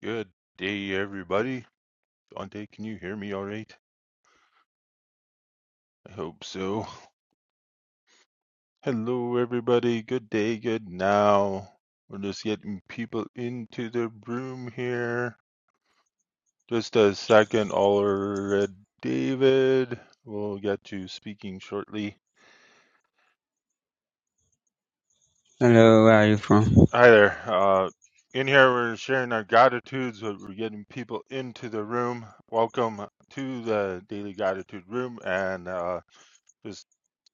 Good day, everybody. Dante, can you hear me all right? I hope so. Hello, everybody. Good day, good now. We're just getting people into the room here. Just a second, Allred David. We'll get to speaking shortly. Hello, where are you from? Hi there. Uh, in here, we're sharing our gratitudes, but we're getting people into the room. Welcome to the Daily Gratitude Room and uh, just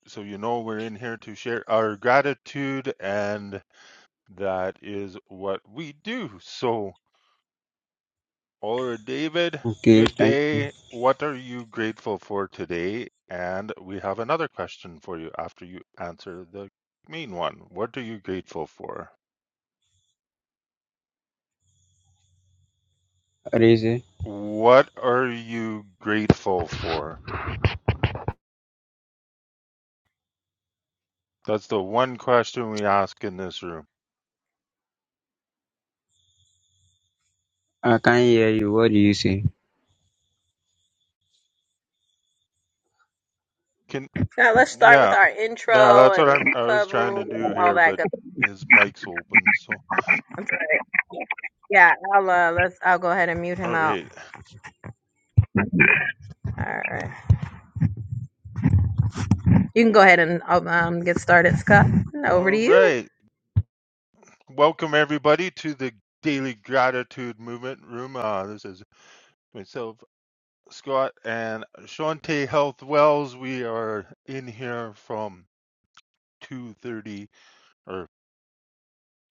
so you know we're in here to share our gratitude and that is what we do so Oliver David Okay, good thank you. day what are you grateful for today and we have another question for you after you answer the main one what are you grateful for What do you say? what are you grateful for that's the one question we ask in this room I can't hear you. What do you say? can Yeah, let's start with yeah our yeah intro that's what I'm and I was club trying rules, to do all here that but good. his mic's open so I'm sorry. Yeah, I'll uh, let's. I'll go ahead and mute him all out. right All right, you can go ahead and um get started, Scott. Over to All you. right. Welcome, everybody, to the Daily Gratitude Movement Room. Uh, this is myself, Scott, and Shante Health Wells. We are in here from 2.30, or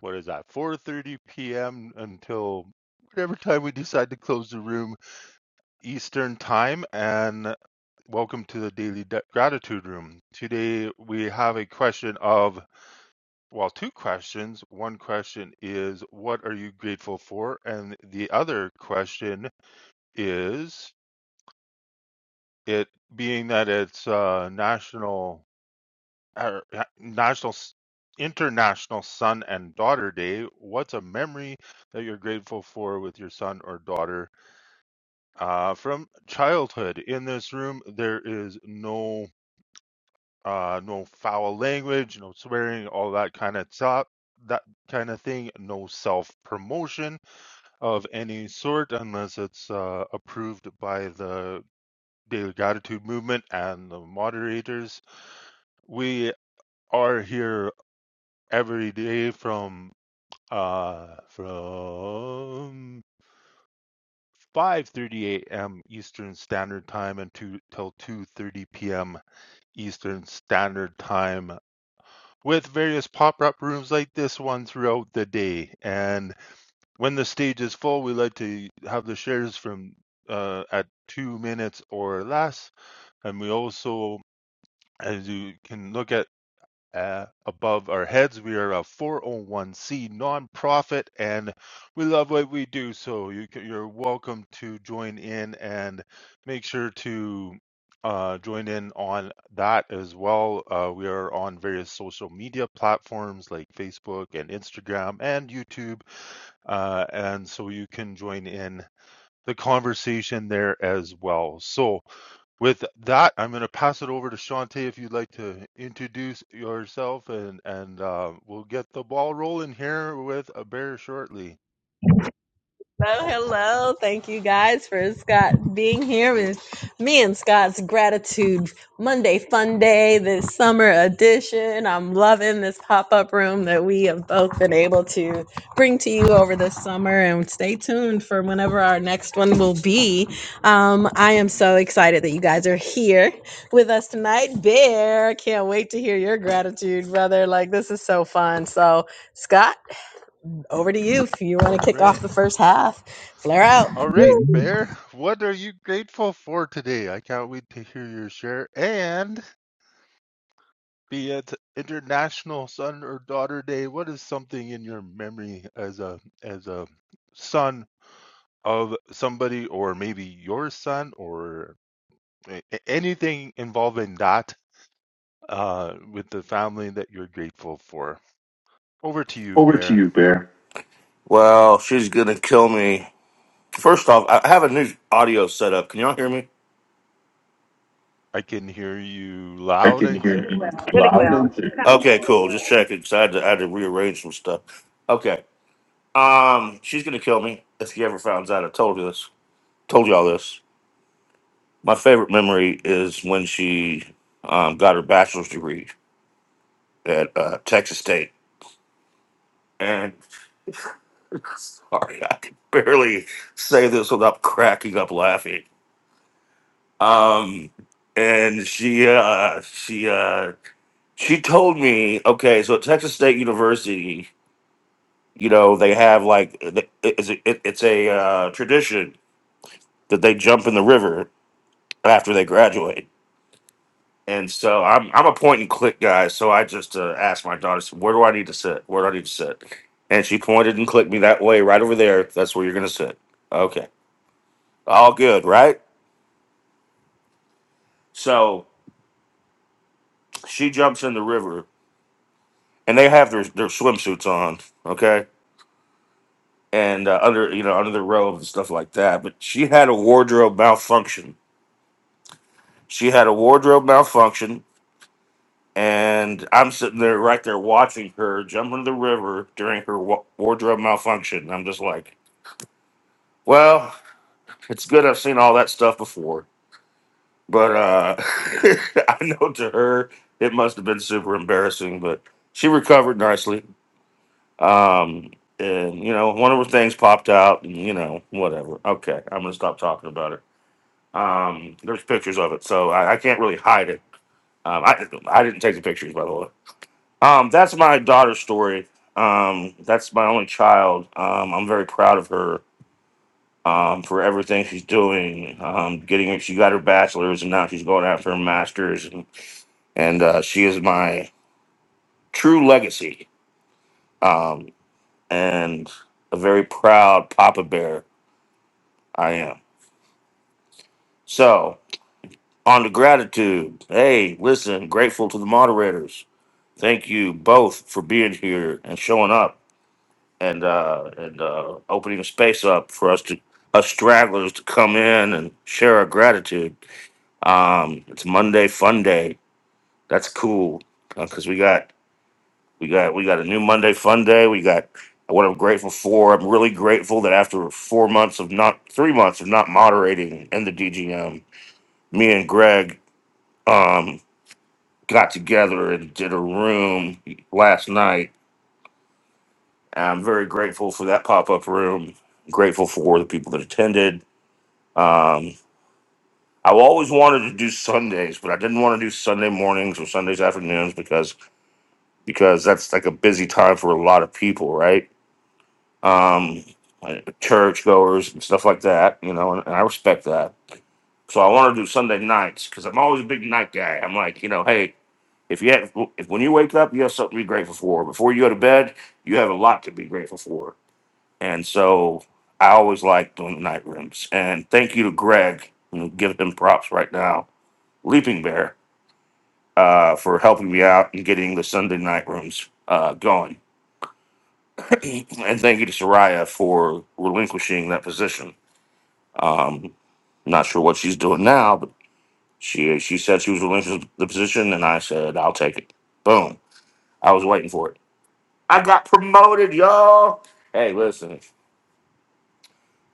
what is that, 4.30 p.m. until whatever time we decide to close the room Eastern Time. And welcome to the Daily D- Gratitude Room. Today, we have a question of Well, two questions. One question is, what are you grateful for? And the other question is, it being that it's uh, national, er, uh, national, S- international son and daughter day, what's a memory that you're grateful for with your son or daughter uh, from childhood? In this room, there is no uh, no foul language, no swearing, all that kind of stuff, that kind of thing, no self promotion of any sort unless it's uh, approved by the Daily Gratitude Movement and the moderators. We are here every day from uh, from 5:30 a.m. Eastern Standard Time and to till 2:30 p.m. Eastern Standard Time with various pop-up rooms like this one throughout the day and When the stage is full, we like to have the shares from uh, at two minutes or less, and we also, as you can look at uh, above our heads. We are a 401c nonprofit, and we love what we do. So you can, you're welcome to join in and make sure to uh, join in on that as well. Uh, we are on various social media platforms like Facebook and Instagram and YouTube, uh, and so you can join in the conversation there as well. So with that, I'm going to pass it over to Shantae if you'd like to introduce yourself, and and uh, we'll get the ball rolling here with a bear shortly. Hello, hello. Thank you guys for Scott being here with me and Scott's gratitude Monday fun day, this summer edition. I'm loving this pop up room that we have both been able to bring to you over this summer. And stay tuned for whenever our next one will be. Um, I am so excited that you guys are here with us tonight. Bear, can't wait to hear your gratitude, brother. Like, this is so fun. So, Scott. Over to you if you All want to kick off right, the first half. Flare out. all right, bear. What are you grateful for today? I can't wait to hear your share. And be it International Son or Daughter Day, what is something in your memory as a as a son of somebody, or maybe your son, or a- a- anything involving that? uh, with the family that you're grateful for. Over to you, Over to Bear. you, Bear. Well, she's gonna kill me. First off, I I have a new audio set up. Can y'all hear me? I can hear you I loud can and hear clear. you loud and clear. Okay, cool. Just checking because I, had to- I had to rearrange some stuff. Okay. Um, she's gonna kill me if she ever finds out. I told you this. Told y'all this. My favorite memory is when she um, got her bachelor's degree at uh, Texas State. And sorry, I can barely say this without cracking up laughing. um, and she uh, she uh, she told me, okay, so at Texas State University, you know, they have like it- it's a, it- it's a uh, tradition that they jump in the river after they graduate. And so I'm I'm a point and click guy, so I just uh, asked my daughter, so where do I need to sit? Where do I need to sit? And she pointed and clicked me that way, right over there. That's where you're gonna sit. Okay, all good, right? So she jumps in the river, and they have their their swimsuits on. Okay, and uh, under you know under the robe and stuff like that. But she had a wardrobe malfunction. She had a wardrobe malfunction, and I'm sitting there right there watching her jump into the river during her wa- wardrobe malfunction. I'm just like, well, it's good I've seen all that stuff before, but uh, I know to her it must have been super embarrassing. But she recovered nicely. Um, and you know, one of her things popped out, and you know, whatever. Okay, I'm gonna stop talking about it. Um, there's pictures of it, so I, I can't really hide it. Um, I I didn't take the pictures, by the way. Um, that's my daughter's story. Um, that's my only child. Um, I'm very proud of her um, for everything she's doing. Um, getting her, she got her bachelor's, and now she's going after her master's, and, and uh, she is my true legacy. Um, and a very proud Papa Bear I am. So. On to gratitude. Hey, listen, grateful to the moderators. Thank you both for being here and showing up and uh and uh opening a space up for us to us stragglers to come in and share our gratitude. Um it's Monday fun day. That's cool. because we got we got we got a new Monday fun day. We got what I'm grateful for. I'm really grateful that after four months of not three months of not moderating in the DGM, me and Greg Um, got together and did a room last night. I'm very grateful for that pop up room. Grateful for the people that attended. Um, I always wanted to do Sundays, but I didn't want to do Sunday mornings or Sundays afternoons because because that's like a busy time for a lot of people, right? Um, church goers and stuff like that, you know, and, and I respect that. So I want to do Sunday nights because I'm always a big night guy. I'm like, you know, hey, If you have, if when you wake up, you have something to be grateful for. Before you go to bed, you have a lot to be grateful for. And so I always like doing the night rooms. And thank you to Greg, and give them props right now, Leaping Bear, uh, for helping me out and getting the Sunday night rooms uh, going. and thank you to Soraya for relinquishing that position. Um, not sure what she's doing now, but she she said she was relinquishing the position, and I said I'll take it. Boom. I was waiting for it. I got promoted, y'all. Hey, listen,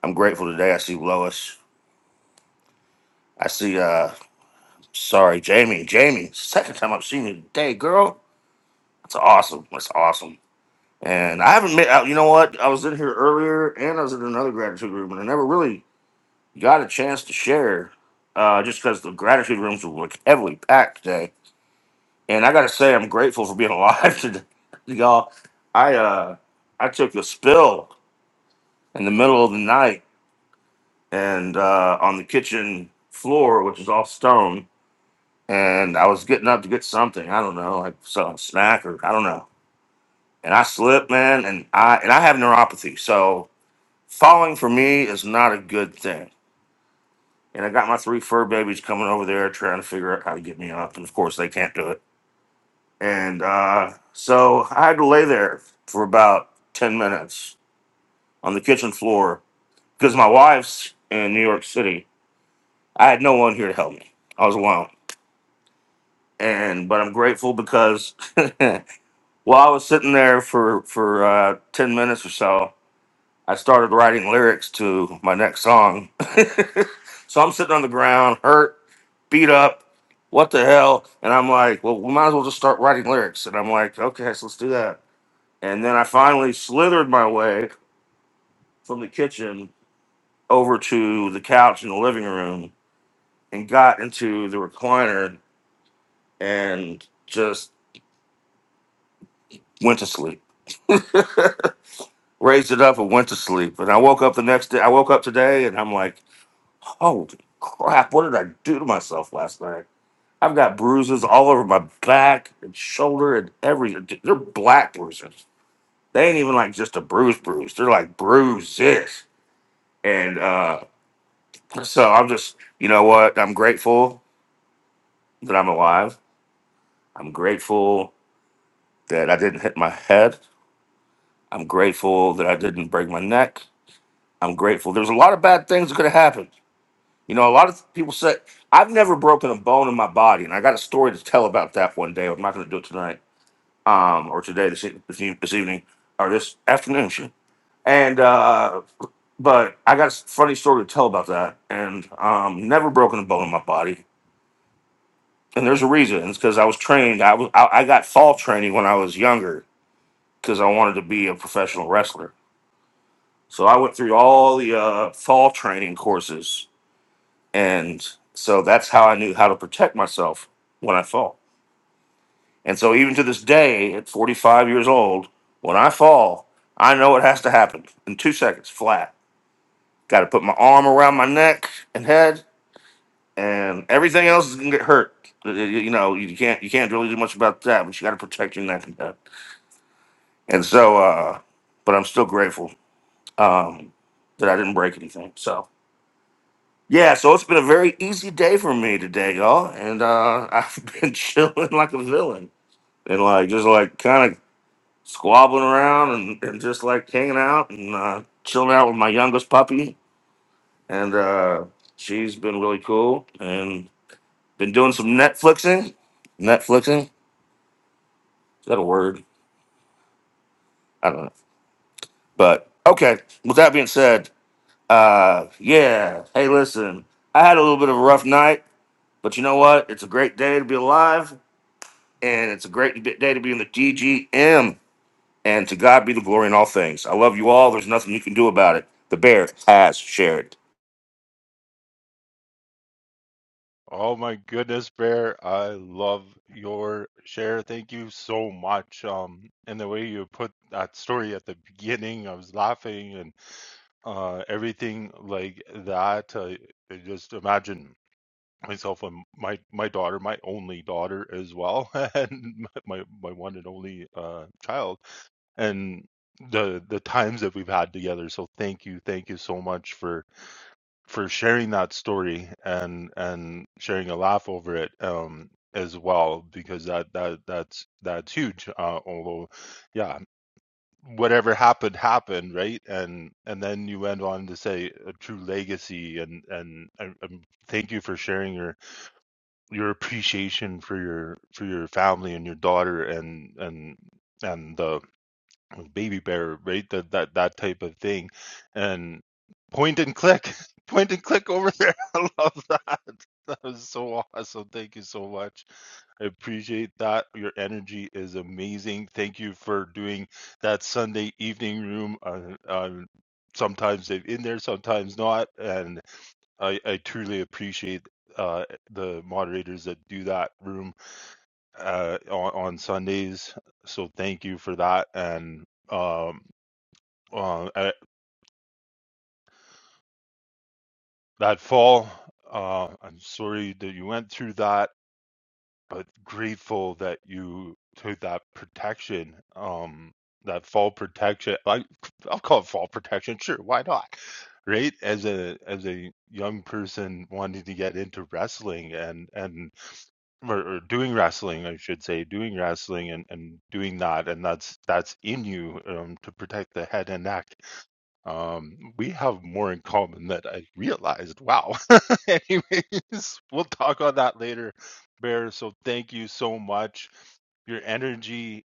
I'm grateful today. I see Lois. I see, uh, sorry, Jamie. Jamie, second time I've seen you today, girl. That's awesome. That's awesome. And I haven't met, uh, you know what? I was in here earlier and I was in another gratitude room and I never really got a chance to share uh, just because the gratitude rooms were like heavily packed today. And I got to say, I'm grateful for being alive today, y'all. I, uh, I took a spill in the middle of the night and uh, on the kitchen floor, which is all stone. And I was getting up to get something. I don't know, like some snack or I don't know. And I slipped, man. And I and I have neuropathy, so falling for me is not a good thing. And I got my three fur babies coming over there trying to figure out how to get me up, and of course they can't do it. And uh, so I had to lay there for about ten minutes on the kitchen floor because my wife's in New York City. I had no one here to help me. I was alone and but I'm grateful because while I was sitting there for for uh, ten minutes or so, I started writing lyrics to my next song. so I'm sitting on the ground, hurt, beat up, what the hell? And I'm like, well, we might as well just start writing lyrics. And I'm like, okay, so let's do that. And then I finally slithered my way from the kitchen over to the couch in the living room and got into the recliner and just went to sleep. raised it up and went to sleep. And I woke up the next day. I woke up today and I'm like, holy crap, what did I do to myself last night? I've got bruises all over my back and shoulder and every. They're black bruises. They ain't even like just a bruise bruise. They're like bruises. And uh, so I'm just, you know what? I'm grateful that I'm alive. I'm grateful that I didn't hit my head. I'm grateful that I didn't break my neck. I'm grateful. There's a lot of bad things that could have happened You know, a lot of people say I've never broken a bone in my body, and I got a story to tell about that one day. I'm not going to do it tonight, um, or today, this e- this, e- this evening, or this afternoon, shit. And uh, but I got a s- funny story to tell about that, and um, never broken a bone in my body, and there's a reason. It's because I was trained. I was I, I got fall training when I was younger because I wanted to be a professional wrestler. So I went through all the uh, fall training courses And so that's how I knew how to protect myself when I fall. And so even to this day, at 45 years old, when I fall, I know it has to happen in two seconds flat. Got to put my arm around my neck and head, and everything else is gonna get hurt. You you know, you can't you can't really do much about that, but you got to protect your neck and head. And so, uh, but I'm still grateful um, that I didn't break anything. So Yeah, so it's been a very easy day for me today, y'all, and uh, I've been chilling like a villain and like just like kind of squabbling around and, and just like hanging out and uh, chilling out with my youngest puppy, and uh, she's been really cool and been doing some Netflixing. Netflixing is that a word? I don't know, but okay. With that being said, uh, yeah. Hey, listen, I had a little bit of a rough night, but you know what? It's a great day to be alive and it's a great day to be in the DGM. And to God be the glory in all things. I love you all. There's nothing you can do about it. The bear has shared. Oh my goodness, Bear! I love your share. Thank you so much. Um, and the way you put that story at the beginning, I was laughing and uh, everything like that. Uh, I just imagine myself and my my daughter, my only daughter as well, and my my one and only uh, child and the the times that we've had together so thank you thank you so much for for sharing that story and and sharing a laugh over it um as well because that that that's that's huge uh although yeah whatever happened happened right and and then you went on to say a true legacy and and, and and thank you for sharing your your appreciation for your for your family and your daughter and and and the with Baby Bear, right? That that that type of thing, and point and click, point and click over there. I love that. That was so awesome. Thank you so much. I appreciate that. Your energy is amazing. Thank you for doing that Sunday evening room. On, on sometimes they're in there, sometimes not, and I I truly appreciate. Uh, the moderators that do that room uh, on, on Sundays. So thank you for that. And um, uh, at that fall. Uh, I'm sorry that you went through that, but grateful that you took that protection, um, that fall protection. I, I'll call it fall protection. Sure, why not? Right? As a as a young person wanting to get into wrestling and and or, or doing wrestling, I should say, doing wrestling and and doing that, and that's that's in you um, to protect the head and neck Um, we have more in common that I realized. Wow. Anyways, we'll talk on that later, Bear. So thank you so much. Your energy,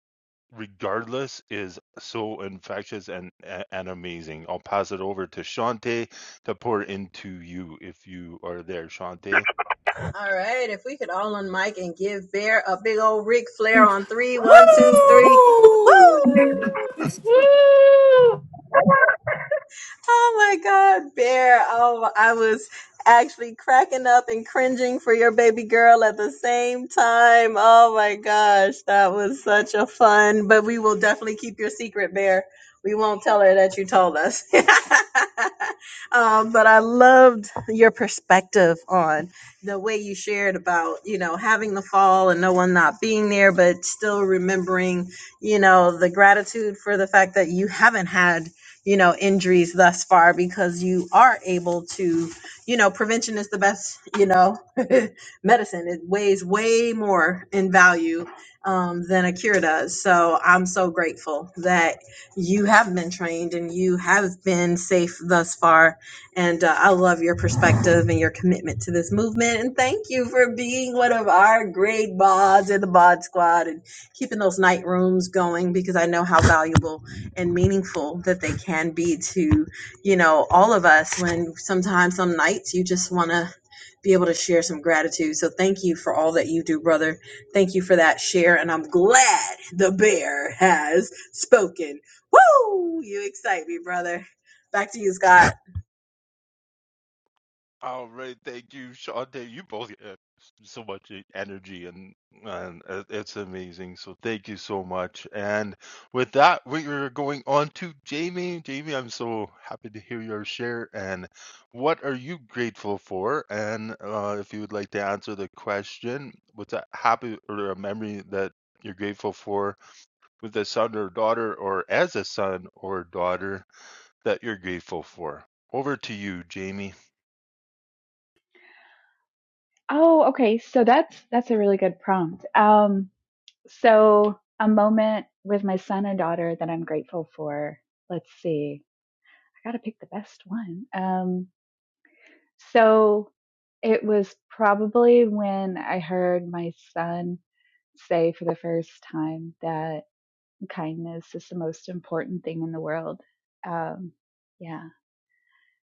regardless, is so infectious and a- and amazing. I'll pass it over to Shante to pour into you if you are there, Shante. All right, if we could all unmic and give Bear a big old Ric Flair on three, one, two, three. Woo! Woo! Woo! Oh my God, Bear. Oh, I was actually cracking up and cringing for your baby girl at the same time. Oh my gosh, that was such a fun, but we will definitely keep your secret, Bear. We won't tell her that you told us. um, but I loved your perspective on the way you shared about, you know, having the fall and no one not being there, but still remembering, you know, the gratitude for the fact that you haven't had you know injuries thus far because you are able to you know prevention is the best you know medicine it weighs way more in value um, than a cure does so i'm so grateful that you have been trained and you have been safe thus far and uh, i love your perspective and your commitment to this movement and thank you for being one of our great mods in the mod squad and keeping those night rooms going because i know how valuable and meaningful that they can be to, you know, all of us when sometimes some nights you just want to be able to share some gratitude. So thank you for all that you do, brother. Thank you for that share. And I'm glad the bear has spoken. Woo! You excite me, brother. Back to you, Scott. All right, thank you, Sade. You both have so much e, energy, and and it- it's amazing. So thank you so much. And with that, we are going on to Jamie. Jamie, I'm so happy to hear your share. And what are you grateful for? And uh, if you would like to answer the question, what's a happy or a memory that you're grateful for with a son or daughter, or as a son or daughter that you're grateful for? Over to you, Jamie. Oh, okay. So that's that's a really good prompt. Um, so a moment with my son and daughter that I'm grateful for. Let's see. I gotta pick the best one. Um, so it was probably when I heard my son say for the first time that kindness is the most important thing in the world. Um, yeah.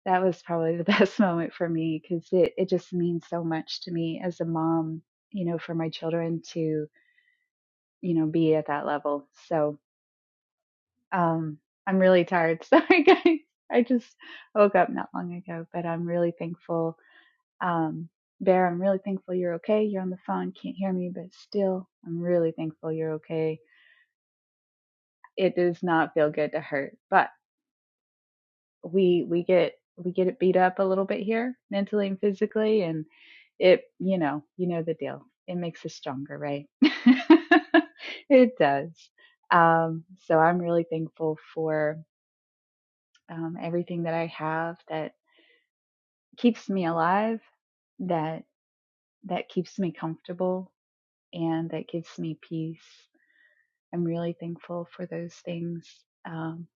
that was probably the best moment for me because it, it just means so much to me as a mom, you know, for my children to, you know, be at that level. So um, I'm really tired. Sorry, guys. I just woke up not long ago, but I'm really thankful. Um, Bear, I'm really thankful you're okay. You're on the phone, can't hear me, but still, I'm really thankful you're okay. It does not feel good to hurt, but we we get we get it beat up a little bit here mentally and physically and it you know you know the deal it makes us stronger right it does um so i'm really thankful for um everything that i have that keeps me alive that that keeps me comfortable and that gives me peace i'm really thankful for those things um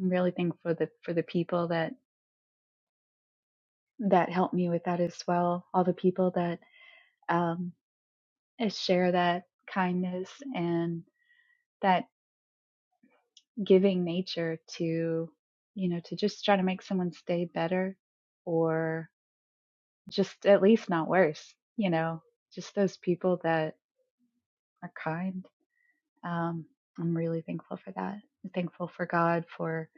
i'm really thankful for the for the people that that helped me with that as well all the people that um, is share that kindness and that giving nature to, you know, to just try to make someone's day better or just at least not worse, you know, just those people that are kind. Um, I'm really thankful for that. I'm thankful for God for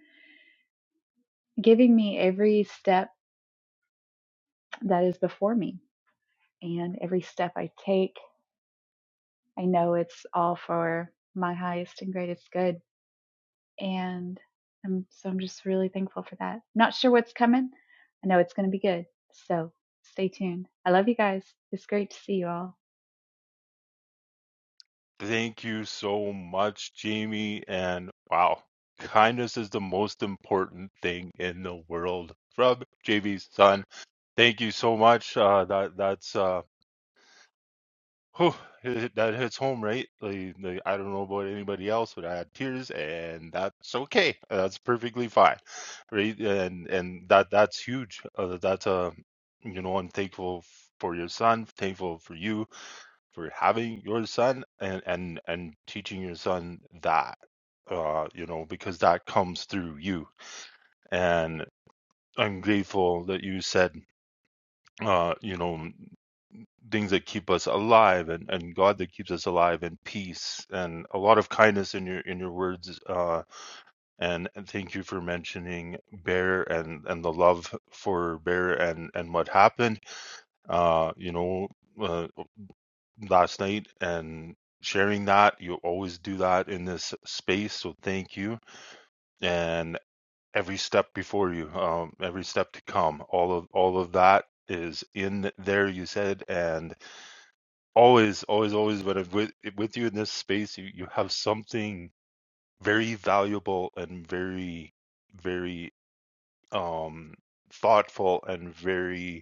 giving me every step that is before me and every step I take. I know it's all for my highest and greatest good and I'm, so I'm just really thankful for that. Not sure what's coming. I know it's going to be good. So stay tuned. I love you guys. It's great to see you all. Thank you so much, Jamie. And wow, kindness is the most important thing in the world. From JV's son. Thank you so much. Uh, that that's uh, whew, that hits home, right? Like, like, I don't know about anybody else, but I had tears, and that's okay. That's perfectly fine, right? And and that that's huge. Uh, that's a you know, I'm thankful for your son. Thankful for you for having your son and and and teaching your son that uh you know because that comes through you and i'm grateful that you said uh you know things that keep us alive and and god that keeps us alive and peace and a lot of kindness in your in your words uh and, and thank you for mentioning bear and and the love for bear and and what happened uh you know uh, last night and sharing that. You always do that in this space, so thank you. And every step before you, um, every step to come, all of all of that is in there. You said, and always, always, always, when I'm with with you in this space, you you have something very valuable and very, very um thoughtful and very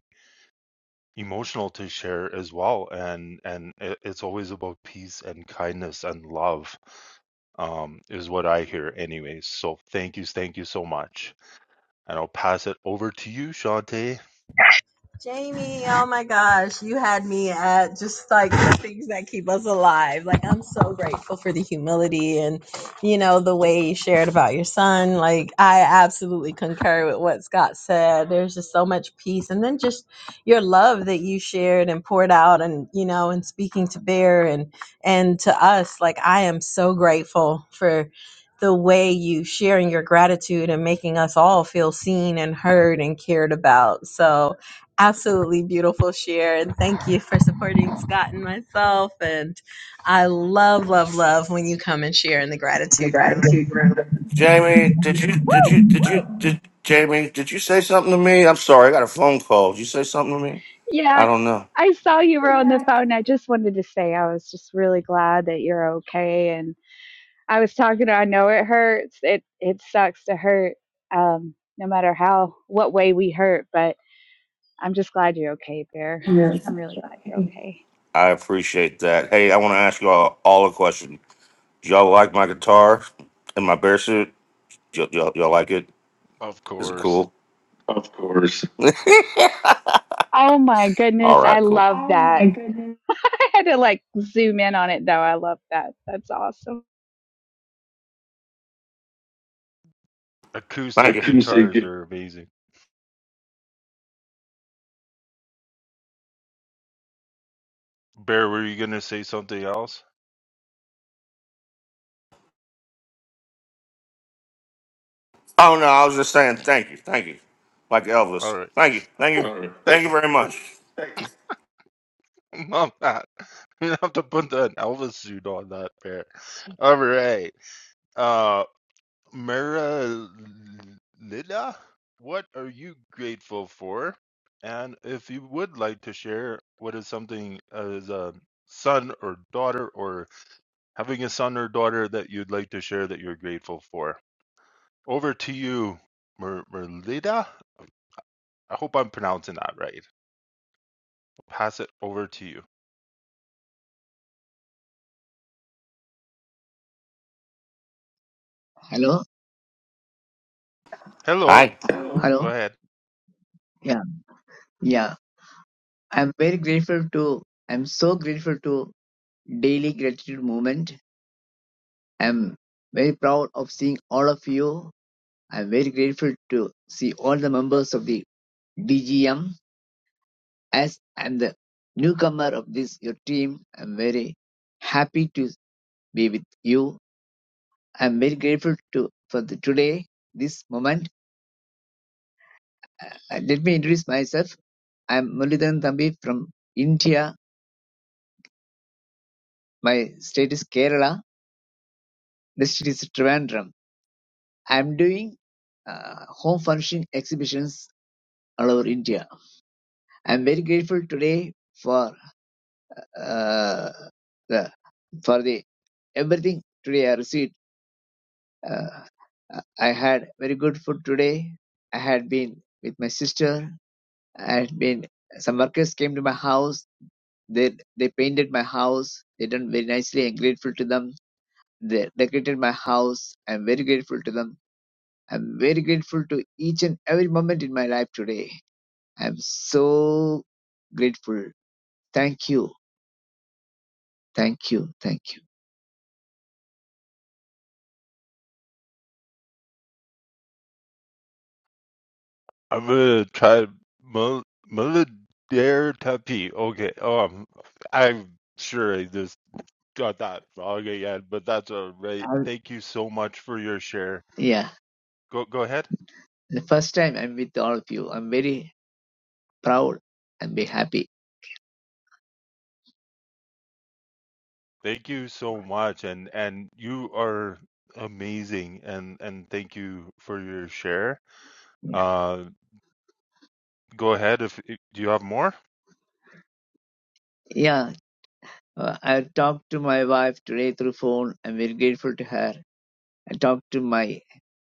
emotional to share as well and and it, it's always about peace and kindness and love um is what i hear anyways so thank you thank you so much and i'll pass it over to you shante Jamie, oh my gosh, you had me at just like the things that keep us alive. Like, I'm so grateful for the humility and, you know, the way you shared about your son. Like, I absolutely concur with what Scott said. There's just so much peace. And then just your love that you shared and poured out and, you know, and speaking to Bear and, and to us. Like, I am so grateful for the way you sharing your gratitude and making us all feel seen and heard and cared about. So, absolutely beautiful share and thank you for supporting scott and myself and i love love love when you come and share in the in the gratitude room gratitude room. Jamie, did you did you did you did Jamie, did you say something to me? I'm sorry, I got a phone call. Did you say something to me? I Yeah, don't know. I saw you were on the phone. I just wanted to say I was just really glad that you're okay. And I was talking to, I know it hurts. It it sucks to hurt, um, no matter how what way we hurt. But I'm just glad you're okay, Bear. Really I'm really glad you're okay. I appreciate that. Hey, I want to ask y'all all a question. Do y'all like my guitar and my bear suit? Y'all, y'all, y'all like it? of Is it course cool? Of course. Oh my All goodness, I right, cool. love Oh that. my goodness. I had to like zoom in on it though. I love that. That's awesome. Thank acoustic you. You say guitars good. are amazing bear were you gonna say something else Oh no, I was just saying thank you, thank you, like all Elvis. right Thank you, thank you, All right. thank thank you you very much. Thank you. mom that you have to put that elvis suit on that bear all right. uh. Mira what are you grateful for? And if you would like to share what is something as a son or daughter or having a son or daughter that you'd like to share that you're grateful for. Over to you, Mer- Merlita. I hope I'm pronouncing that right. I'll Pass it over to you. Hello, Hello. Hi. Go hello. ahead. Yeah, yeah. I'm very grateful to. I'm so grateful to Daily Gratitude Movement. I'm very proud of seeing all of you. I'm very grateful to see all the members of the DGM. As I'm the newcomer of this your team, I'm very happy to be with you. I'm very grateful to for the today this moment. Uh, let me introduce myself. I'm Mulidan Thambi from India. My state is Kerala. Next it is Trivandrum. I'm doing uh, home furnishing exhibitions all over India. I'm very grateful today for uh, the, for the everything today I received. Uh, I had very good food today. I had been with my sister. I had been some workers came to my house. They they painted my house. They done very nicely. I'm grateful to them. They decorated my house. I'm very grateful to them I'm very grateful to each and every moment in my life today. I'm so grateful. Thank you. Thank you. Thank you. I'm going to try Mel- Melodare Tapi. Okay. Um, I'm sure I Got that. Okay, yeah, but that's all right. And Thank you so much for your share. yeah, Go go ahead. the first time I'm with all of you. I'm very proud and very happy. Thank you so much and and you are amazing and and thank you for your share. Yeah. Uh go ahead if do you have more? Yeah. Uh, I talked to my wife today through phone. I'm very grateful to her. I talked to my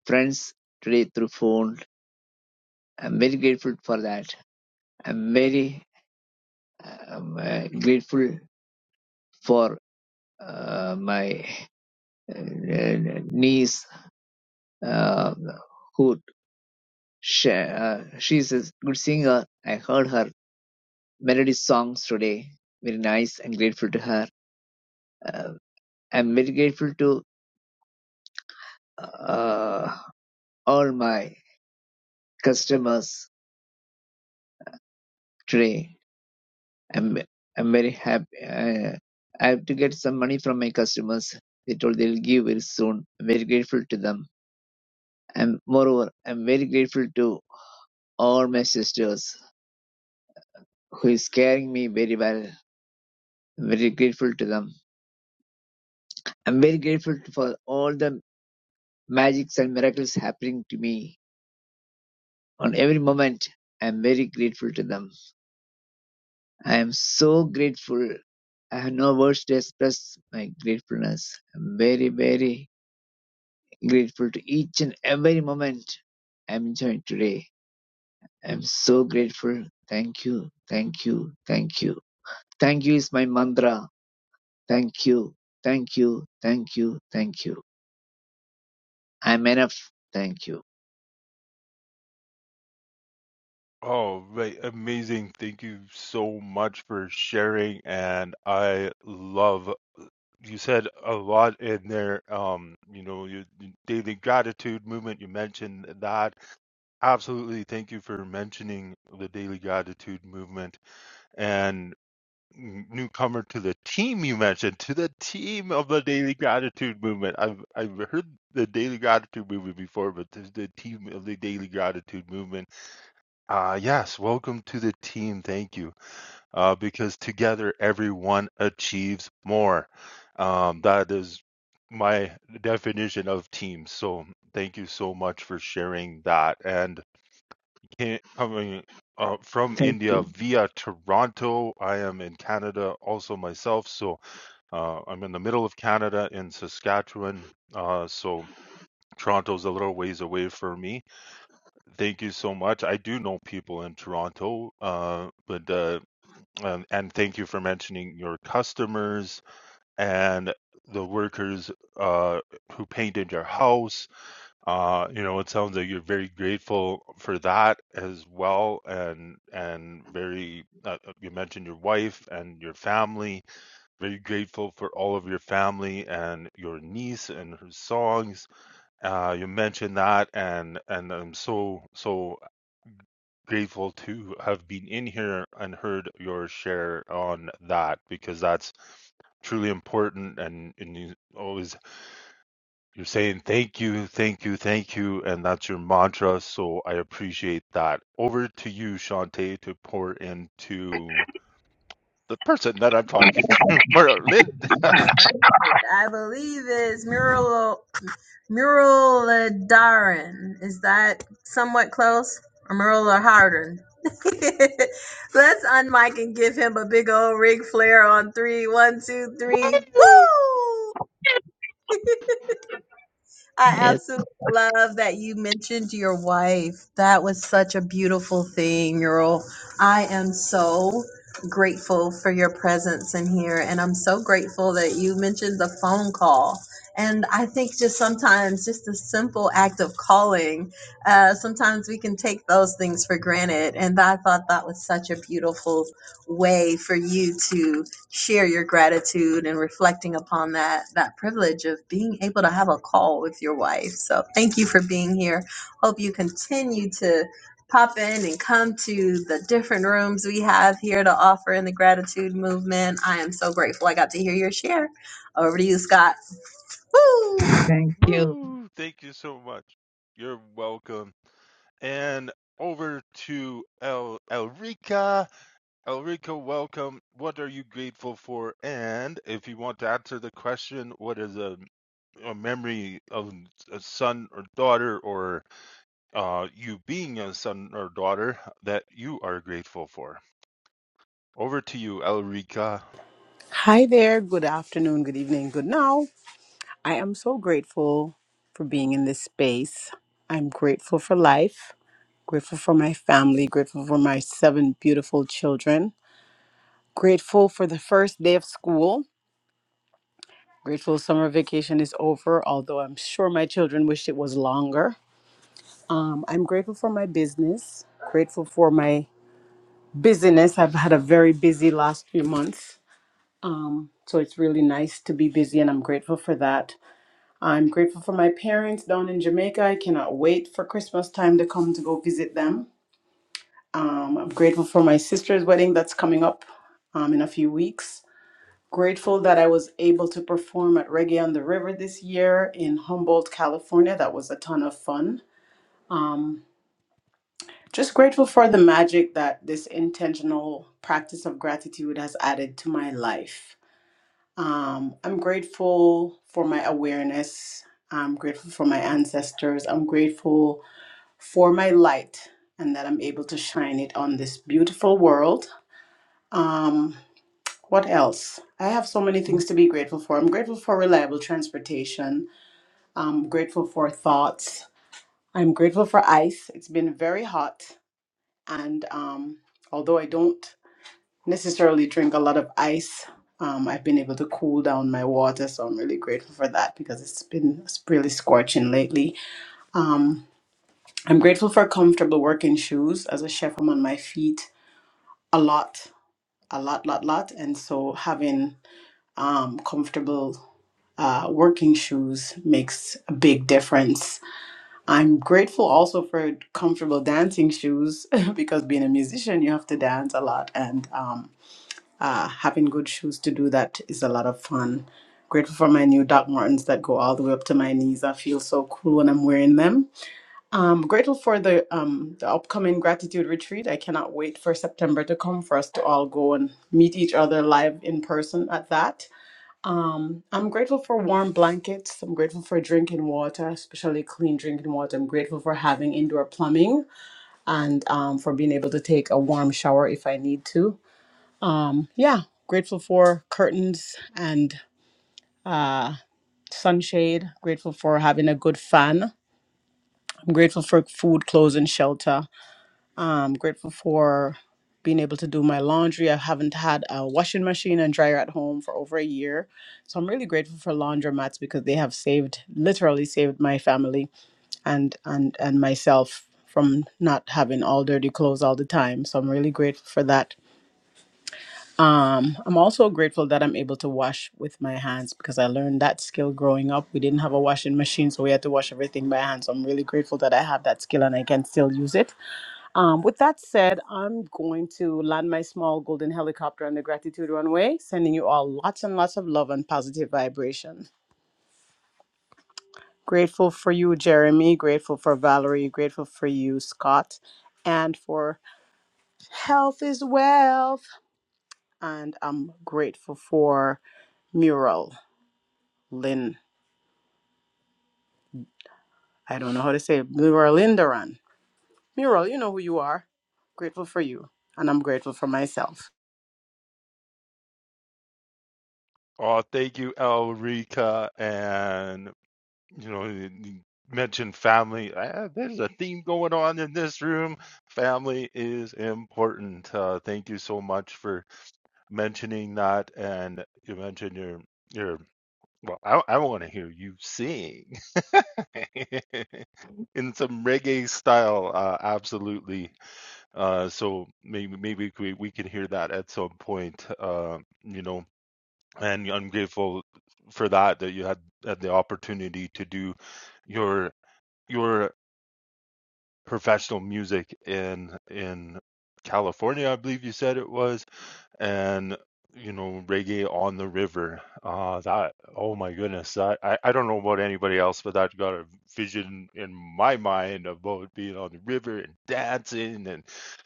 friends today through phone. I'm very grateful for that. I'm very um, uh, grateful for uh, my uh, niece uh, who she, uh, she's a good singer. I heard her melody songs today. Very nice and grateful to her. Uh, I'm very grateful to uh, all my customers today. I'm I'm very happy. Uh, I have to get some money from my customers. They told they'll give very soon. I'm very grateful to them. And moreover, I'm very grateful to all my sisters who is carrying me very well very grateful to them. I'm very grateful for all the magics and miracles happening to me on every moment. I'm very grateful to them. I am so grateful. I have no words to express my gratefulness. I'm very, very grateful to each and every moment I'm enjoying today. I'm so grateful. Thank you. Thank you. Thank you. Thank you is my mantra. Thank you. Thank you. Thank you. Thank you. I'm enough. Thank you. Oh, right. Amazing. Thank you so much for sharing and I love you said a lot in there um you know your your daily gratitude movement you mentioned that Absolutely. Thank you for mentioning the Daily Gratitude movement and n- newcomer to the team you mentioned, to the team of the Daily Gratitude movement. I've I've heard the Daily Gratitude movement before, but this is the team of the Daily Gratitude movement. Uh yes, welcome to the team. Thank you. Uh because together everyone achieves more. Um that is my definition of team. So thank you so much for sharing that and Ca- coming uh, from Thank India you. via Toronto. I am in Canada also myself, so uh, I'm in the middle of Canada in Saskatchewan. Uh, so Toronto's a little ways away for me. Thank you so much. I do know people in Toronto, uh, but uh, um, and thank you for mentioning your customers and the workers uh, who painted your house uh, you know, it sounds like you're very grateful for that as well, and and very. Uh, uh, you mentioned your wife and your family. Very grateful for all of your family and your niece and her songs. Uh, you mentioned that, and and I'm so so grateful to have been in here and heard your share on that because that's truly important and, and you always you're saying thank you, thank you, thank you, and that's your mantra. So I appreciate that. Over to you, Shantae, to pour into the person that I'm talking to, Merlin. Thank you i believe is mural Muraladaran. is that somewhat close or mural harden let's unmic and give him a big old rig flare on three. One, two, three. Woo! woo I Yes, absolutely love that you mentioned your wife. That was such a beautiful thing, Earl. I am so grateful for your presence in here, and I'm so grateful that you mentioned the phone call. And I think just sometimes, just a simple act of calling, uh, sometimes we can take those things for granted. And I thought that was such a beautiful way for you to share your gratitude and reflecting upon that that privilege of being able to have a call with your wife. So thank you for being here. Hope you continue to pop in and come to the different rooms we have here to offer in the gratitude movement. I am so grateful I got to hear your share. Over to you, Scott. Woo! thank you, Woo! Thank you so much. You're welcome. And over to El Elrica. Elrica, welcome. What are you grateful for? And if you want to answer the question, what is a, a memory of a son or daughter or uh, you being a son or daughter that you are grateful for. Over to you, Elrica. Hi there. Good afternoon, good evening, good now. I am so grateful for being in this space. I'm grateful for life, grateful for my family, grateful for my seven beautiful children, grateful for the first day of school, grateful summer vacation is over, although I'm sure my children wish it was longer. Um, I'm grateful for my business, grateful for my busyness. I've had a very busy last few months. Um, so it's really nice to be busy, and I'm grateful for that. I'm grateful for my parents down in Jamaica. I cannot wait for Christmas time to come to go visit them. Um, I'm grateful for my sister's wedding that's coming up um, in a few weeks. Grateful that I was able to perform at Reggae on the River this year in Humboldt, California. That was a ton of fun. Um, just grateful for the magic that this intentional practice of gratitude has added to my life. Um, I'm grateful for my awareness. I'm grateful for my ancestors. I'm grateful for my light and that I'm able to shine it on this beautiful world. Um, what else? I have so many things to be grateful for. I'm grateful for reliable transportation. I'm grateful for thoughts. I'm grateful for ice. It's been very hot. And um, although I don't necessarily drink a lot of ice, um, I've been able to cool down my water. So I'm really grateful for that because it's been really scorching lately. Um, I'm grateful for comfortable working shoes. As a chef, I'm on my feet a lot, a lot, lot, lot. And so having um, comfortable uh, working shoes makes a big difference. I'm grateful also for comfortable dancing shoes because being a musician, you have to dance a lot, and um, uh, having good shoes to do that is a lot of fun. Grateful for my new Doc Martens that go all the way up to my knees. I feel so cool when I'm wearing them I'm grateful for the um the upcoming gratitude retreat. I cannot wait for September to come for us to all go and meet each other live in person at that. Um, I'm grateful for warm blankets. I'm grateful for drinking water, especially clean drinking water. I'm grateful for having indoor plumbing and um, for being able to take a warm shower if I need to. Yeah, grateful for curtains and uh, sunshade. Grateful for having a good fan. I'm grateful for food, clothes, and shelter. I'm grateful for being able to do my laundry. I haven't had a washing machine and dryer at home for over a year. So I'm really grateful for laundromats because they have saved, literally saved my family and and and myself from not having all dirty clothes all the time so i'm really grateful for that um i'm also grateful that i'm able to wash with my hands because i learned that skill growing up we didn't have a washing machine so we had to wash everything by hand so i'm really grateful that i have that skill and i can still use it um, with that said, I'm going to land my small golden helicopter on the gratitude runway, sending you all lots and lots of love and positive vibration. Grateful for you, Jeremy. Grateful for Valerie. Grateful for you, Scott. And for health is wealth. And I'm grateful for Mural Lynn. I don't know how to say it. Mural Lindaran. Mural, you know who you are. Grateful for you. And I'm grateful for myself. Oh, thank you, Elrica. And, you know, you mentioned family. Ah, there's a theme going on in this room. Family is important. Uh, thank you so much for mentioning that. And you mentioned your, your, well, I, I want to hear you sing in some reggae style. Uh, absolutely. Uh, so maybe maybe we we can hear that at some point. Uh, you know, and I'm grateful for that that you had, had the opportunity to do your your professional music in in California, I believe you said it was and you know reggae on the river uh that oh my goodness that I, I don't know about anybody else but that got a vision in my mind about being on the river and dancing and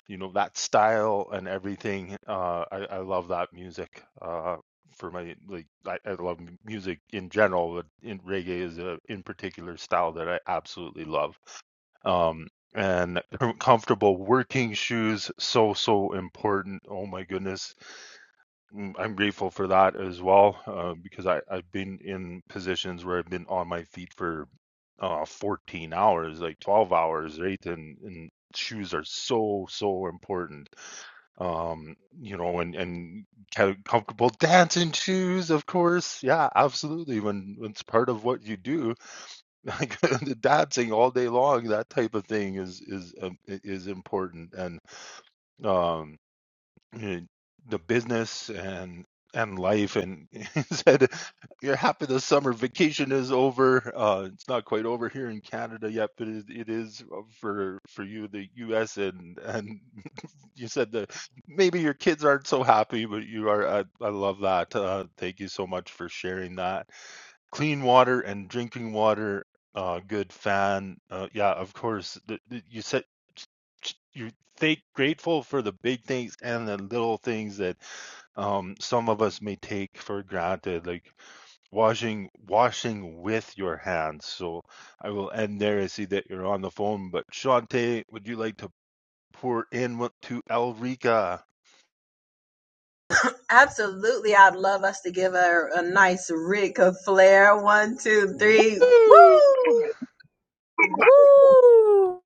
you know that style and everything uh i, I love that music uh for my like I, I love m- music in general but in reggae is a in particular style that i absolutely love um and com- comfortable working shoes so so important oh my goodness Mm, I'm grateful for that as well, uh, because I, I've been in positions where I've been on my feet for uh, 14 hours, like 12 hours, right? And, and shoes are so, so important. Um, you know, and, and co- comfortable dancing shoes, of course. Yeah, absolutely. When, when it's part of what you do, like the dancing all day long, that type of thing is, is, um, i- is important. And, um uh, the business and and life and said you're happy the summer vacation is over uh it's not quite over here in canada yet but it, it is uh, for for you the us and and you said that maybe your kids aren't so happy but you are i, I love that uh thank you so much for sharing that clean water and drinking water, uh, good fan. Uh, yeah, of course. The, the, you said you're thank, grateful for the big things and the little things that um, some of us may take for granted, like washing washing with your hands. So I will end there. I see that you're on the phone, but Shante, would you like to pour in what- to Elrica? Absolutely. I'd love us to give her a nice Rick of flair. One, two, Woo! three. Woo! Woo!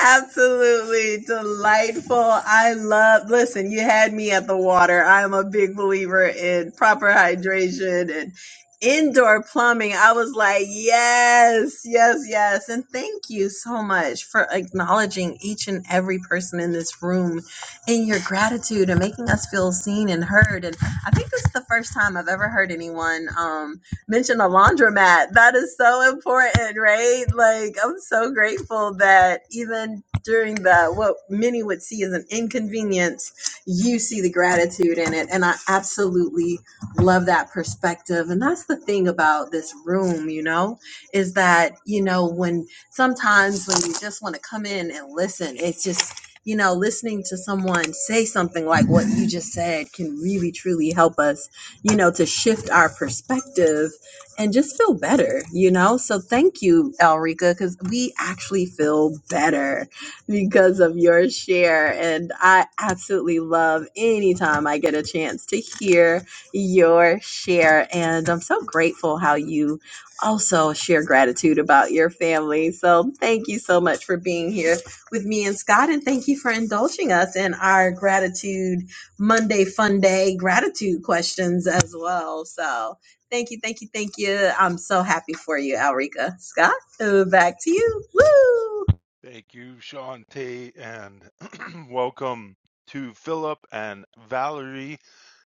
Absolutely delightful. I love, listen, you had me at the water. I'm a big believer in proper hydration and indoor plumbing. I was like, yes, yes, yes. And thank you so much for acknowledging each and every person in this room in your gratitude and making us feel seen and heard. And I think this is the first time I've ever heard anyone. um, mentioned a laundromat. That is so important, right? Like I'm so grateful that even during the what many would see as an inconvenience, you see the gratitude in it. And I absolutely love that perspective. And that's the thing about this room, you know, is that, you know, when sometimes when you just want to come in and listen, it's just you know, listening to someone say something like what you just said can really truly help us you know, to shift our perspective and just feel better, you know? So thank you, Elrica, because we actually feel better because of your share. And I absolutely love anytime I get a chance to hear your share. And I'm so grateful how you also share gratitude about your family. So thank you so much for being here with me and Scott. And thank you for indulging us in our gratitude Monday fun day gratitude questions as well. So Thank you, thank you, thank you. I'm so happy for you, Alrika. Scott, uh, back to you. Woo! Thank you, Shantae, and welcome to Philip and Valerie.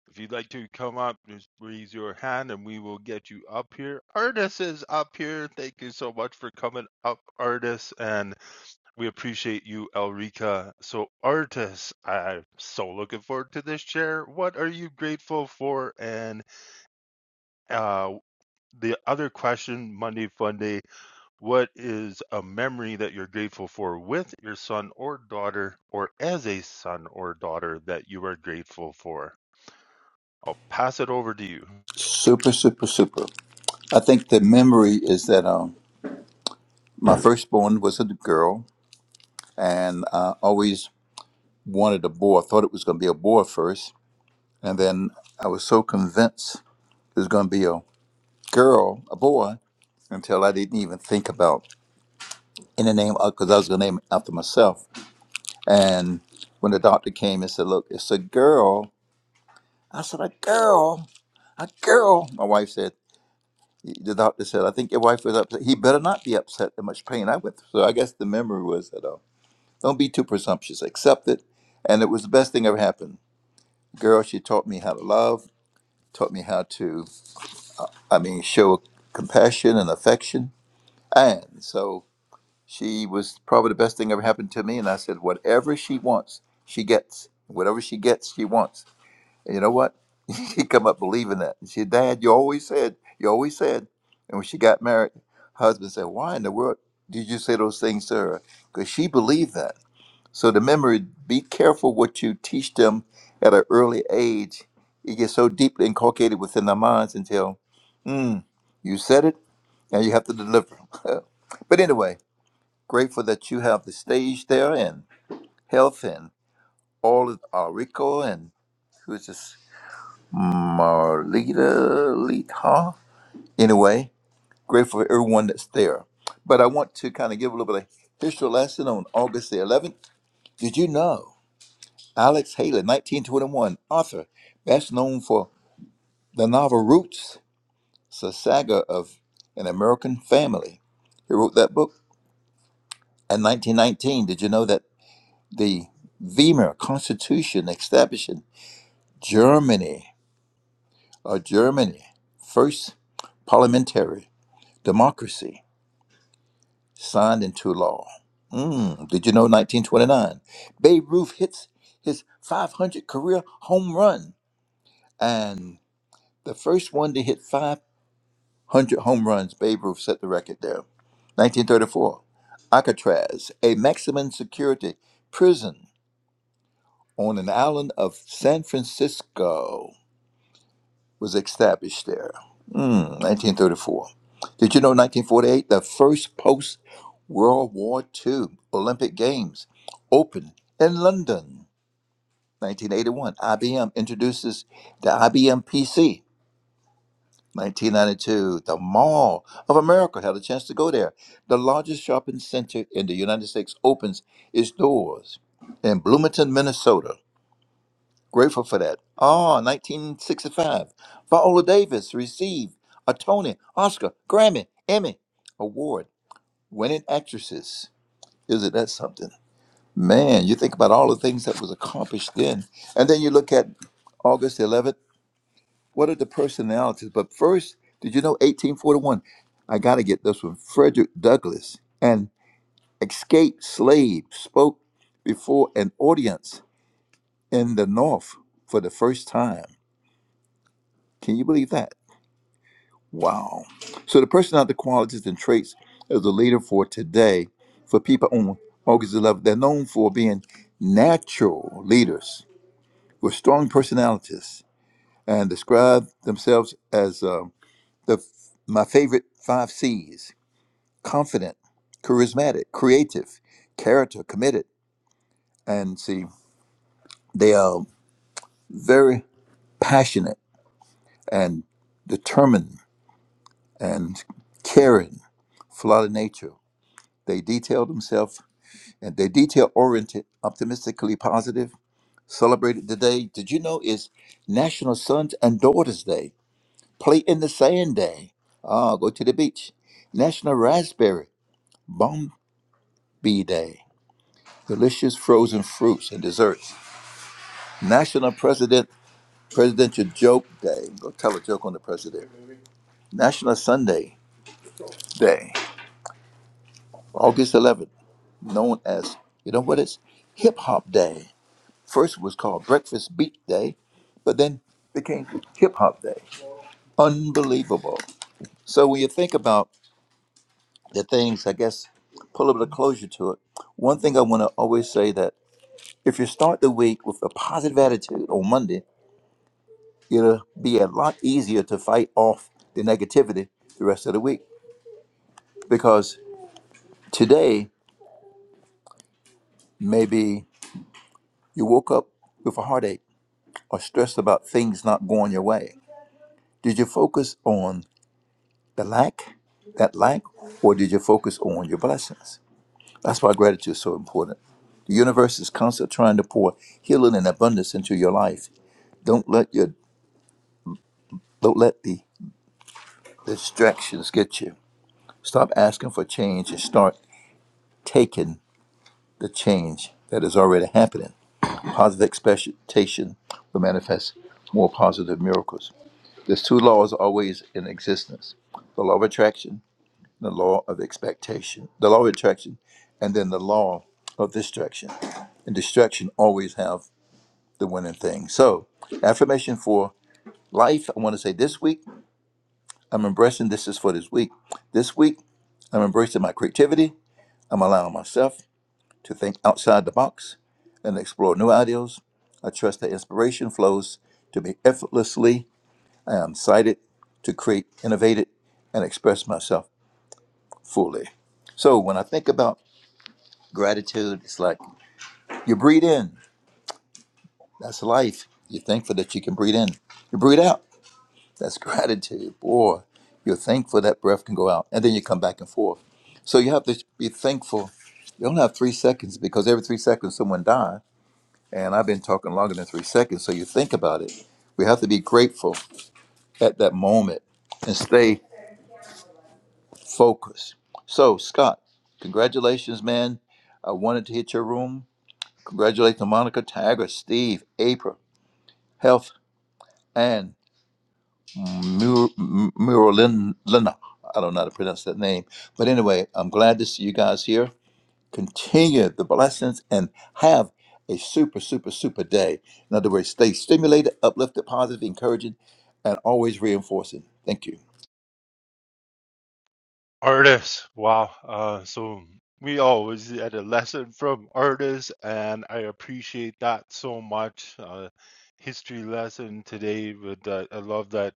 If you'd like to come up, just raise your hand and we will get you up here. Artis is up here. Thank you so much for coming up, Artis, and we appreciate you, Elrica. So, Artis, I'm so looking forward to this share. What are you grateful for? And uh, the other question, Monday Funday. What is a memory that you're grateful for with your son or daughter, or as a son or daughter that you are grateful for? I'll pass it over to you. Super, super, super. I think the memory is that um, my firstborn was a girl, and I always wanted a boy. I thought it was going to be a boy first, and then I was so convinced it was going to be a girl, a boy, until I didn't even think about any name because I was going to name it after myself. And when the doctor came and said, "Look, it's a girl," I said, "A girl, a girl." My wife said. The doctor said, I think your wife was upset. He better not be upset at much pain I went through. So I guess the memory was that, oh, don't be too presumptuous. Accept it. And it was the best thing ever happened. Girl, she taught me how to love, taught me how to, I mean, show compassion and affection. And so she was probably the best thing ever happened to me. And I said, whatever she wants, she gets. Whatever she gets, she wants. And you know what? She come up believing that. And she said, Dad, you always said, you always said. And when she got married, her husband said, Why in the world did you say those things to her? Because she believed that. So the memory, be careful what you teach them at an early age. It gets so deeply inculcated within their minds until, hmm, you said it, now you have to deliver. but anyway, grateful that you have the stage there and health and all of our Rico and who's this? Marlita Lita. Anyway, grateful for everyone that's there. But I want to kind of give a little bit of history lesson on August the 11th. Did you know Alex Haley, 1921, author, best known for the novel Roots, it's a saga of an American family. He wrote that book in 1919. Did you know that the Weimar Constitution establishing Germany, or Germany, first parliamentary democracy signed into law. Mm, did you know 1929? Babe Ruth hits his 500 career home run. And the first one to hit 500 home runs, Babe Ruth set the record there. 1934, Alcatraz, a maximum security prison on an island of San Francisco. was established there. Mm, 1934. Did you know 1948, the first post World War II Olympic Games opened in London? 1981, IBM introduces the IBM PC. 1992, the Mall of America had a chance to go there. The largest shopping center in the United States opens its doors in Bloomington, Minnesota. Grateful for that. Oh, 1965. Viola Davis received a Tony, Oscar, Grammy, Emmy award. Winning actresses. Isn't that something? Man, you think about all the things that was accomplished then. And then you look at August 11th. What are the personalities? But first, did you know 1841? I got to get this one. Frederick Douglass, an escaped slave, spoke before an audience in the North for the first time. Can you believe that? Wow. So the personality qualities and traits of the leader for today, for people on August 11th, they're known for being natural leaders with strong personalities and describe themselves as uh, the my favorite five C's: confident, charismatic, creative, character, committed, and see they are very passionate and determined and caring, for a lot of nature. They detail themselves and they're detail oriented, optimistically positive, celebrated today. Did you know it's National Sons and Daughters Day, Play in the Sand Day, ah, go to the beach, National Raspberry Bombi Day, Delicious Frozen Fruits and Desserts, National President Presidential Joke Day, go tell a joke on the president, National Sunday Day, August 11th, known as, you know what it's? Hip Hop Day. First was called Breakfast Beat Day, but then became Hip Hop Day. Unbelievable. So when you think about the things, I guess, pull a little closure to it. One thing I want to always say that if you start the week with a positive attitude on Monday, it'll be a lot easier to fight off the negativity the rest of the week. Because today, maybe you woke up with a heartache or stressed about things not going your way. Did you focus on The lack, that lack, or did you focus on your blessings? That's why gratitude is so important. The universe is constantly trying to pour healing and abundance into your life. Don't let your don't let the distractions get you. Stop asking for change and start taking the change that is already happening. Positive expectation will manifest more positive miracles. There's two laws always in existence: the law of attraction the law of expectation, the law of attraction, and then the law of distraction. And distraction always have the winning thing. So, affirmation for life. I want to say this week, I'm embracing this is for this week. This week, I'm embracing my creativity. I'm allowing myself to think outside the box and explore new ideas. I trust that inspiration flows to me effortlessly. I am excited to create, innovate it, and express myself fully. So when I think about Gratitude its like you breathe in. That's life. You're thankful that you can breathe in. You breathe out. That's gratitude. Boy, you're thankful that breath can go out. And then you come back and forth. So you have to be thankful. You only have three seconds because every three seconds someone dies. And I've been talking longer than three seconds. So you think about it. We have to be grateful at that moment and stay focused. So, Scott, congratulations, man. I wanted to hit your room. Congratulations, Monica, Tiger, Steve, April. Health and Mur- M- Muralina. I don't know how to pronounce that name. But anyway, I'm glad to see you guys here. Continue the blessings and have a super, super, super day. In other words, stay stimulated, uplifted, positive, encouraging, and always reinforcing. Thank you. Artists. Wow. Uh, so we always had a lesson from artists, and I appreciate that so much. Uh, history lesson today, but uh, I love that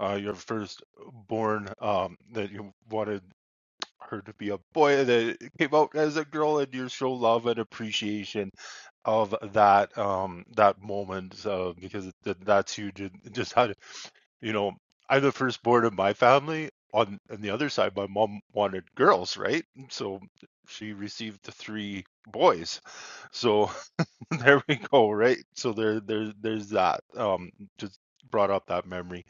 uh, your first born um, that you wanted her to be a boy that it came out as a girl, and you show love and appreciation of that um that moment uh, because th- that's huge and it just had you know i'm the firstborn of my family on on the other side my mom wanted girls right so she received the three boys so there we go right so there there there's that um just brought up that memory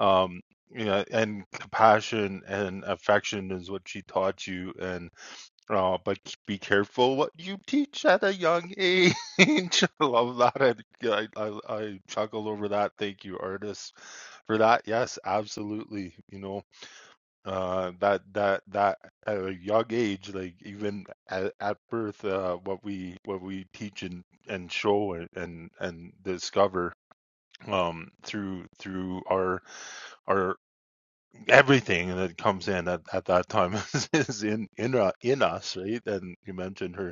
um yeah and compassion and affection is what she taught you and Oh, but be careful what you teach at a young age. I love that. I, I, I chuckled over that. Thank you, artists, for that. Yes, absolutely. You know, uh, that that that at a young age, like even at, at birth, uh, what we what we teach and and show and and, and discover um through through our our everything that comes in at, at that time is, is in in uh, in us right and you mentioned her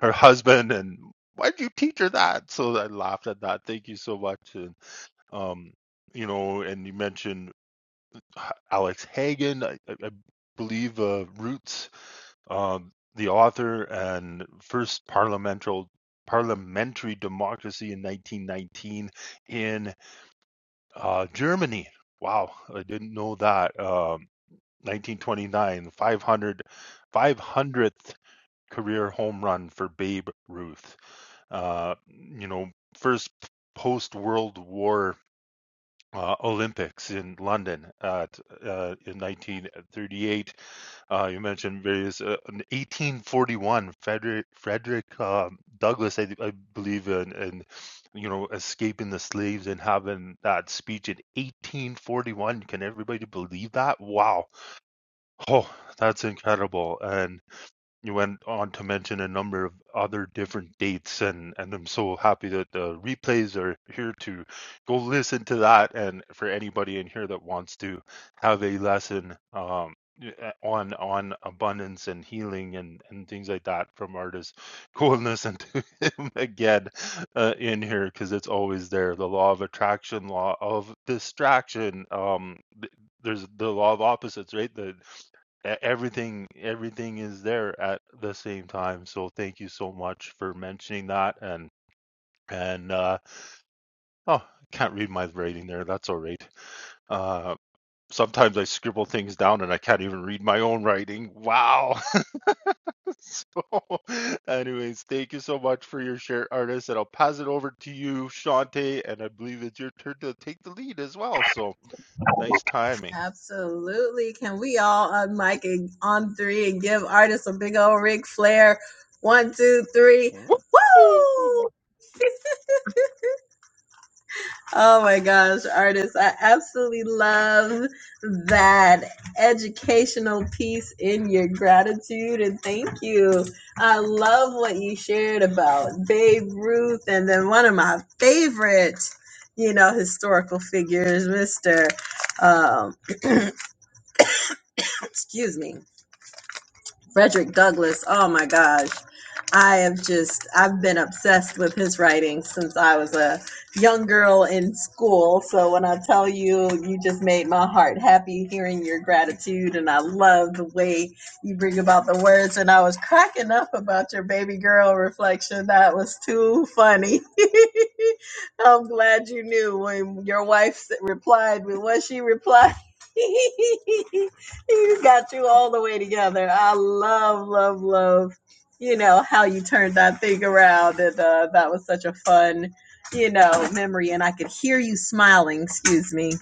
her husband and why did you teach her that so i laughed at that thank you so much and um you know and you mentioned alex Hagen, i, I believe uh, roots um the author and first parliamentary parliamentary democracy in 1919 in uh germany wow i didn't know that um 1929 500 500th career home run for Babe Ruth. Uh, you know, first post World War uh, Olympics in London at uh, in 1938. Uh, you mentioned various uh, in 1841. Frederick Frederick uh, Douglass, I, I believe, uh, and, and you know, escaping the slaves and having that speech in 1841. Can everybody believe that? Wow! Oh, that's incredible. And you went on to mention a number of other different dates and and I'm so happy that the replays are here to go listen to that and for anybody in here that wants to have a lesson um uh, on on abundance and healing and and things like that from artists go and listen to him again uh, in here because it's always there the law of attraction law of distraction um th- there's the law of opposites right the e- everything everything is there at the same time so thank you so much for mentioning that and and uh oh i can't read my writing there that's all right uh sometimes i scribble things down and i can't even read my own writing wow so anyways thank you so much for your share artist and i'll pass it over to you shante and i believe it's your turn to take the lead as well so nice timing Absolutely. Can we all on mic and on three and give artists a big old Ric Flair? One, two, three. Woo! Woo! Oh my gosh, artists, I absolutely love that educational piece in your gratitude and thank you. I love what you shared about Babe Ruth and then one of my favorite, you know, historical figures, Mr. Um, excuse me, Frederick Douglass. Oh my gosh. I have just I've been obsessed with his writing since I was a young girl in school. So when I tell you you just made my heart happy hearing your gratitude and I love the way you bring about the words and I was cracking up about your baby girl reflection. That was too funny. I'm glad you knew when your wife s- replied with what she replied. You got you all the way together. I love, love, love you know how you turned that thing around and uh, that was such a fun you know memory and i could hear you smiling excuse me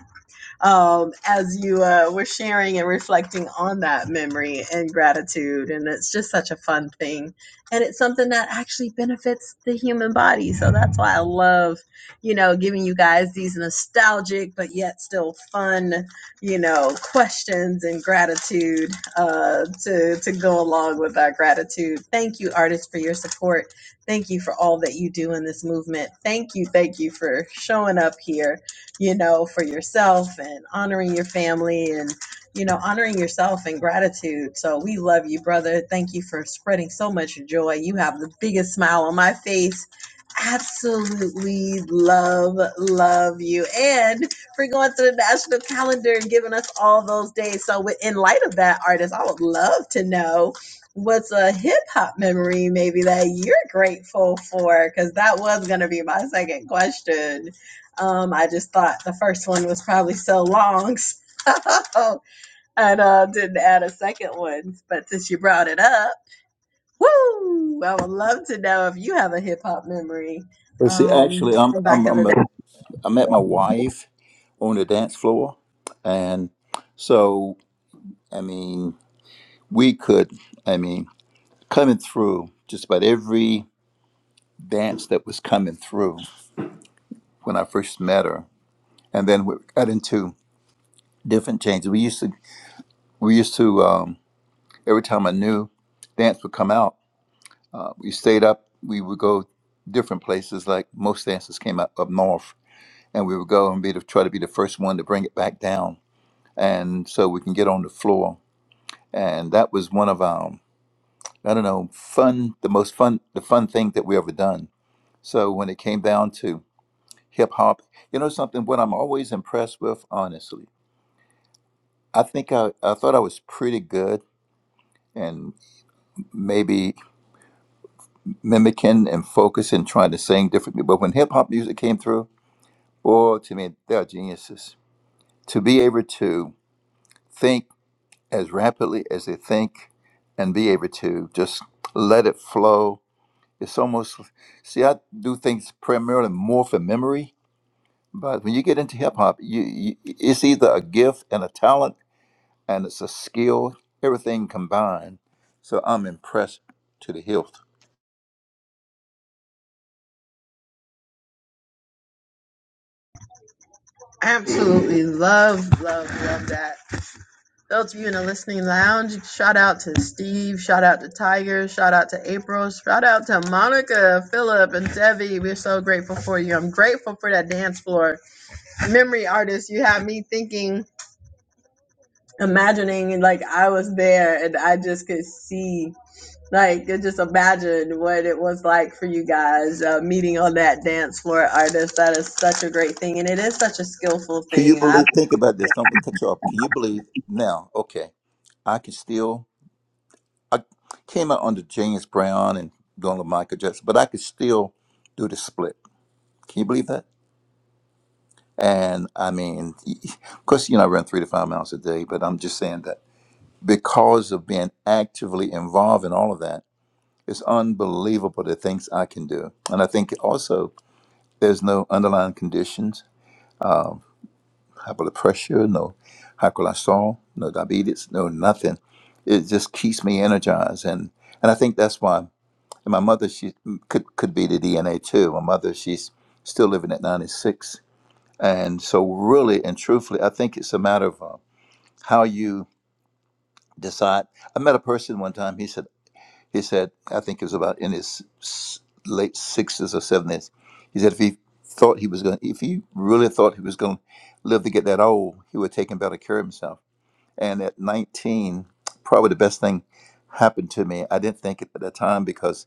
um, as you uh, were sharing and reflecting on that memory and gratitude. And it's just such a fun thing. And it's something that actually benefits the human body. So that's why I love, you know, giving you guys these nostalgic, but yet still fun, you know, questions and gratitude uh, to, to go along with our gratitude. Thank you, artists, for your support. Thank you for all that you do in this movement. Thank you. Thank you for showing up here you know, for yourself and honoring your family and, you know, honoring yourself and gratitude. So we love you, brother. Thank you for spreading so much joy. You have the biggest smile on my face. Absolutely love, love you. And for going to the national calendar and giving us all those days. So, with- in light of that, artist, I would love to know what's a hip hop memory maybe that you're grateful for? Because that was going to be my second question. Um, I just thought the first one was probably so long, so I uh, didn't add a second one. But since you brought it up, woo! I would love to know if you have a hip hop memory But see, um, actually, I'm from I'm back in the I'm, day. a, I met my wife on the dance floor, and so I mean, we could, I mean, coming through just about every dance that was coming through when I first met her, and then we got into different changes. We used to we used to um, every time a new dance would come out, uh, we stayed up. We would go different places. Like most dances came out up north, and we would go and be the, try to be the first one to bring it back down, and so we can get on the floor. And that was one of our I don't know fun the most fun the fun thing that we ever done. So when it came down to hip hop. You know something? What I'm always impressed with, honestly, I think I, I thought I was pretty good and maybe mimicking and focusing, trying to sing differently. But when hip hop music came through, oh, to me, they are geniuses. To be able to think as rapidly as they think and be able to just let it flow. It's almost, see, I do things primarily more for memory. But when you get into hip hop, you, you, it's either a gift and a talent and it's a skill, everything combined. So I'm impressed to the hilt. Absolutely love, love, love that. Those of you in the listening lounge, shout out to Steve, shout out to Tiger, shout out to April, shout out to Monica, Philip, and Debbie. We're so grateful for you. I'm grateful for that dance floor memory artist. You have me thinking imagining like I was there and I just could see like just imagine what it was like for you guys uh, meeting on that dance floor artist that is such a great thing and it is such a skillful Can you thing I, believe? Think about this. Don't cut you off. Can you believe now? Okay, I can still. I came out under James Brown and going to Michael Jackson, but I could still do the split. Can you believe that? And I mean, of course, you know, I run three to five miles a day, but I'm just saying that because of being actively involved in all of that, it's unbelievable the things I can do. And I think also There's no underlying conditions, high blood pressure, no high cholesterol, no diabetes, no nothing. It just keeps me energized, and and I think that's why. And my mother, she could could be the DNA too. My mother, she's still living at 96, and so really and truthfully, I think it's a matter of uh, how you decide. I met a person one time. He said. He said, I think it was about in his s- late sixties or seventies. He said if he thought he was going, if he really thought he was going to live to get that old, he would take better care of himself. And at 19, probably the best thing happened to me. I didn't think it at the time because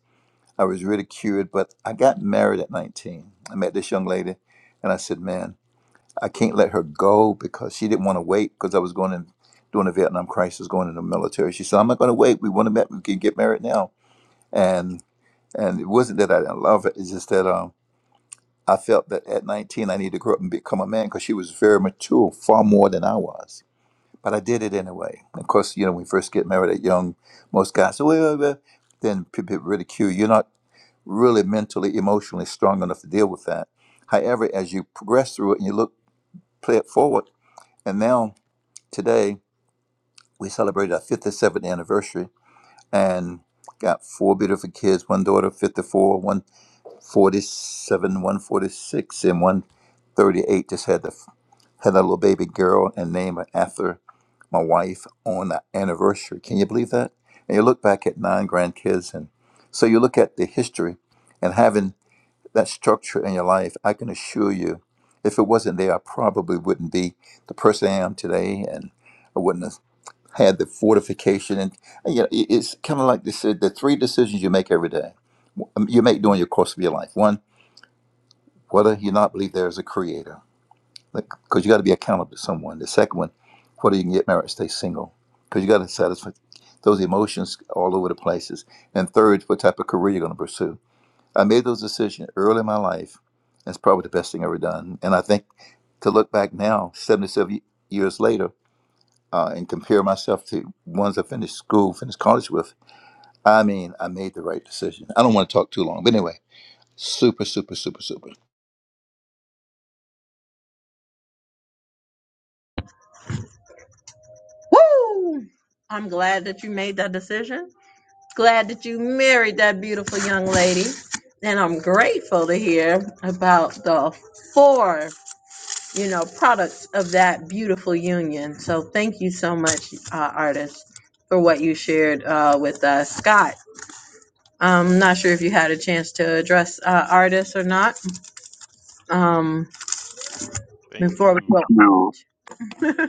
I was really cured, but I got married at 19. I met this young lady and I said, man, I can't let her go because she didn't want to wait because I was going in during the Vietnam crisis, going in the military. She said, I'm not going to wait. We want to met. We can get married now. And and it wasn't that I didn't love it; it's just that um, I felt that at 19 I needed to grow up and become a man because she was very mature, far more than I was. But I did it anyway. Of course, you know, when you first get married at young, most guys say, well, well," then people ridicule you. You're not really mentally, emotionally strong enough to deal with that. However, as you progress through it and you look, play it forward, and now today we celebrated our 57th anniversary and got four beautiful kids, one daughter 54, one 47, 146, and 138. Just had the had a little baby girl and named her after my wife on the anniversary. Can you believe that? And you look back at nine grandkids, and so you look at the history and having that structure in your life. I can assure you, if it wasn't there, I probably wouldn't be the person I am today, and I wouldn't have had the fortification. And, you know, it- it's kind of like they said, the three decisions you make every day you make during your course of your life. One whether you not believe there is a creator, because you got to be accountable to someone. The second one, whether you can get married, stay single, because you got to satisfy those emotions all over the places. And third, what type of career you're going to pursue. I made those decisions early in my life. It's probably the best thing I ever done. And I think to look back now, 77 years later, uh, and compare myself to ones I finished school, finished college with, I mean, I made the right decision. I don't want to talk too long, but anyway, super, super, super, super. woo! I'm glad that you made that decision glad that you married that beautiful young lady and I'm grateful to hear about the four you know, products of that beautiful union. So thank you so much, uh, artist, for what you shared uh, with us. Scott, I'm not sure if you had a chance to address uh, artists or not. Um, thank before we you go. No.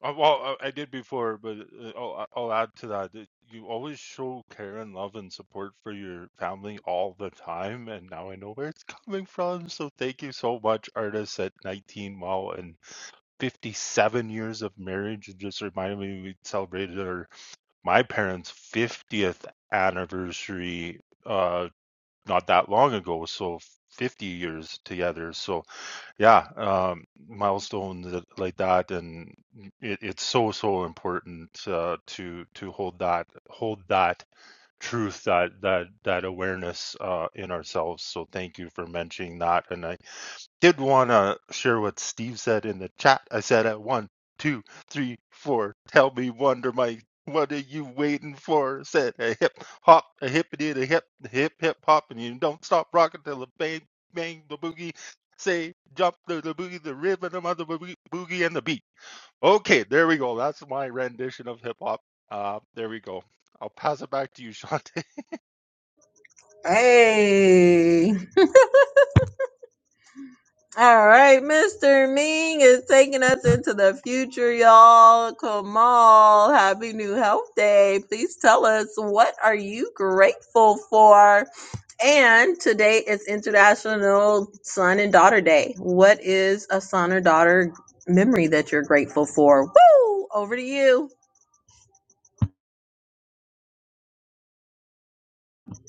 Uh, well, I I did before, but uh, I'll, I'll add to that. that You always show care and love and support for your family all the time, and now I know where it's coming from. So thank you so much, artists at 19 wow and 57 years of marriage. It just reminded me we celebrated our my parents' 50th anniversary uh not that long ago, so 50 years together. So yeah, um, milestones that- like that, and it, it's so so important uh, to to hold that hold that truth that that that awareness uh, in ourselves. So thank you for mentioning that, and I did want to share what Steve said in the chat. I said at one, two, three, four. Tell me, Wonder Mike, what are you waiting for? Said a hip hop, a hippity, a hip, hip, hip hop, and you don't stop rocking till the bang, bang, the boogie. Say jump to the boogie, the rhythm of the boogie, boogie and the beat. Okay, there we go. That's my rendition of hip hop. Uh, there we go. I'll pass it back to you, Shante. Hey. All right, Mr. Ming is taking us into the future, y'all. Kamal, happy new health day. Please tell us what are you grateful for? And today is International Son and Daughter Day. What is a son or daughter memory that you're grateful for? Woo! Over to you.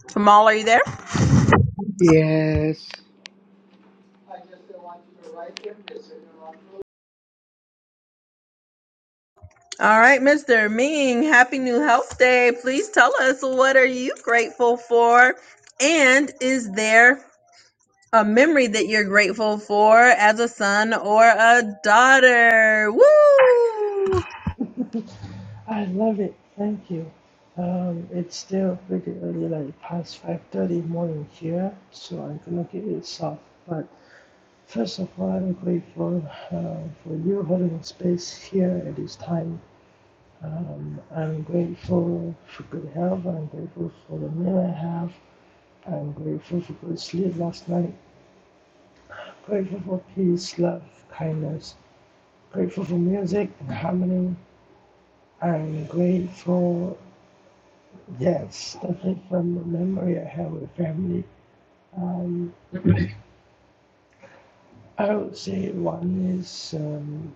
Kamal, are you there? Yes. All right, Mr. Ming, happy new health day. Please tell us what are you grateful for? And is there A memory that you're grateful for as a son or a daughter. Woo! I love it. Thank you. Um, it's still pretty early, like past 5.30 morning here, so I'm going to give it soft. But first of all, I'm grateful uh, for you holding space here at this time. Um, I'm grateful for good health. I'm grateful for the meal I have. I'm grateful for good sleep last night. Grateful for peace, love, kindness. Grateful for music and harmony. I'm grateful Yes, I think from the memory I have with family, um, I would say one is um,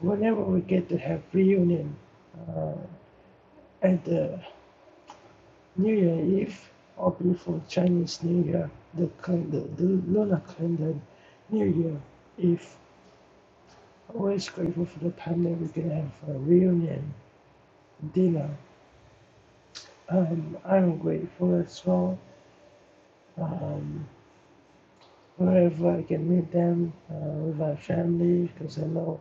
whenever we get to have reunion uh, at the New Year Eve or before Chinese New Year, the, cal- the, the lunar calendar New Year Eve. Always grateful for the time that we can have a reunion dinner. Um, I'm grateful as well. Um, wherever I can meet them uh, with my family, because I know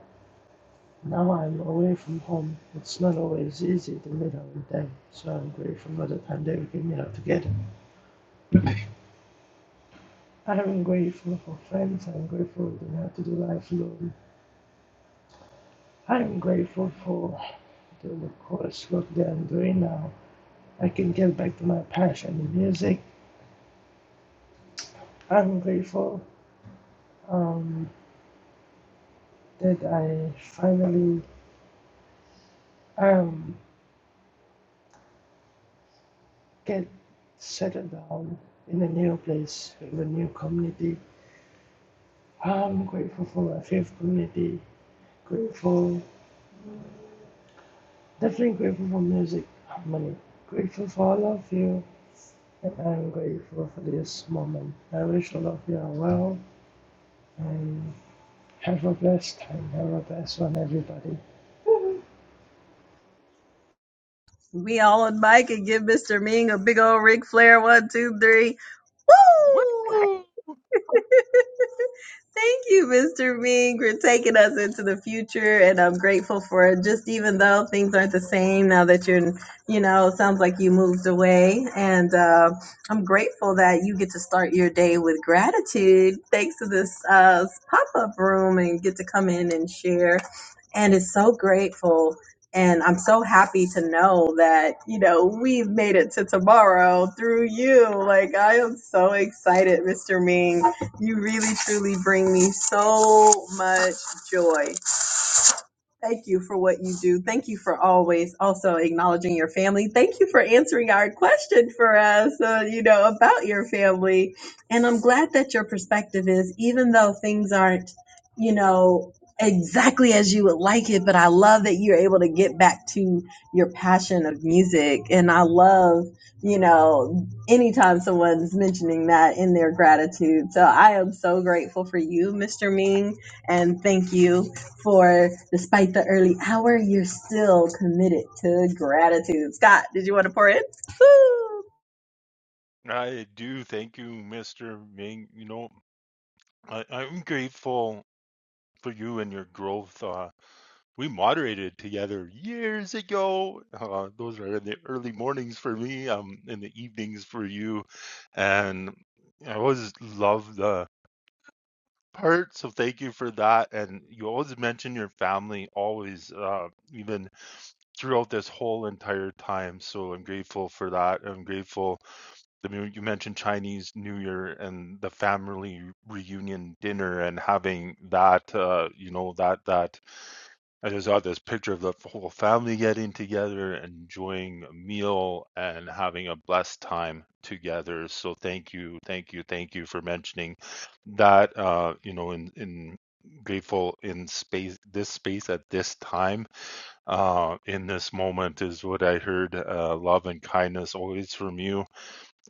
Now I'm away from home. It's not always easy to meet up with them, so I'm grateful for the time that we can meet up together. I'm grateful for friends. I'm grateful to have to do life alone. I'm grateful for the coursework that I'm doing now. I can get back to my passion in music. I'm grateful um, that I finally um, get settled down in a new place, in a new community. I'm grateful for my faith community. Grateful, definitely grateful for music, harmony. Grateful for all of you, and I'm grateful for this moment. I wish all of you are well and have a blessed time. Have a blessed one, everybody. We all on mic and give Mr. Ming a big old Ric Flair one, two, three. Woo! Woo! Thank you, Mr. Ming, for taking us into the future. And I'm grateful for it. Just even though things aren't the same now that you're, you know, it sounds like you moved away. And uh, I'm grateful that you get to start your day with gratitude thanks to this uh, pop up room and get to come in and share. And it's so grateful. And I'm so happy to know that, you know, we've made it to tomorrow through you. Like, I am so excited, Mr. Ming you really truly bring me so much joy. Thank you for what you do. Thank you for always also acknowledging your family. Thank you for answering our question for us, uh, you know, about your family. And I'm glad that your perspective is, even though things aren't, you know, exactly as you would like it, but I love that you're able to get back to your passion of music. And I love, you know, anytime someone's mentioning that in their gratitude. So I am so grateful for you, Mr. Ming, and thank you for despite the early hour, you're still committed to gratitude. Scott, did you want to pour in? Woo! I do. Thank you, Mr. Ming. You know, I, I'm grateful for you and your growth. Uh, we moderated together years ago. Uh, those are in the early mornings for me, um, in the evenings for you. And I always love the part. So thank you for that. And you always mention your family, always, uh, even throughout this whole entire time. So I'm grateful for that. I'm grateful I mean, you mentioned Chinese New Year and the family reunion dinner and having that, uh, you know, that, that, I just saw this picture of the whole family getting together, enjoying a meal and having a blessed time together. So thank you, thank you, thank you for mentioning that, uh, you know, in, in, grateful in space this space at this time uh in this moment is what i heard uh love and kindness always from you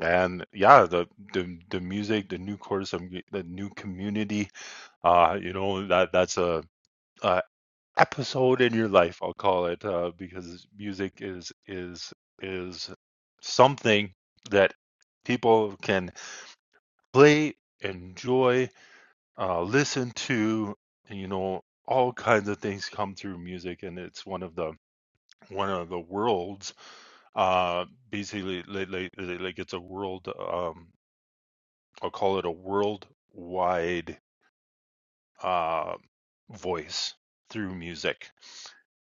and yeah the the, the music the new course the new community uh you know that that's a, a episode in your life i'll call it uh because music is is is something that people can play enjoy uh listen to you know all kinds of things come through music and it's one of the one of the worlds uh basically like, like, like like, it's a world Um, I'll call it a worldwide uh, voice through music.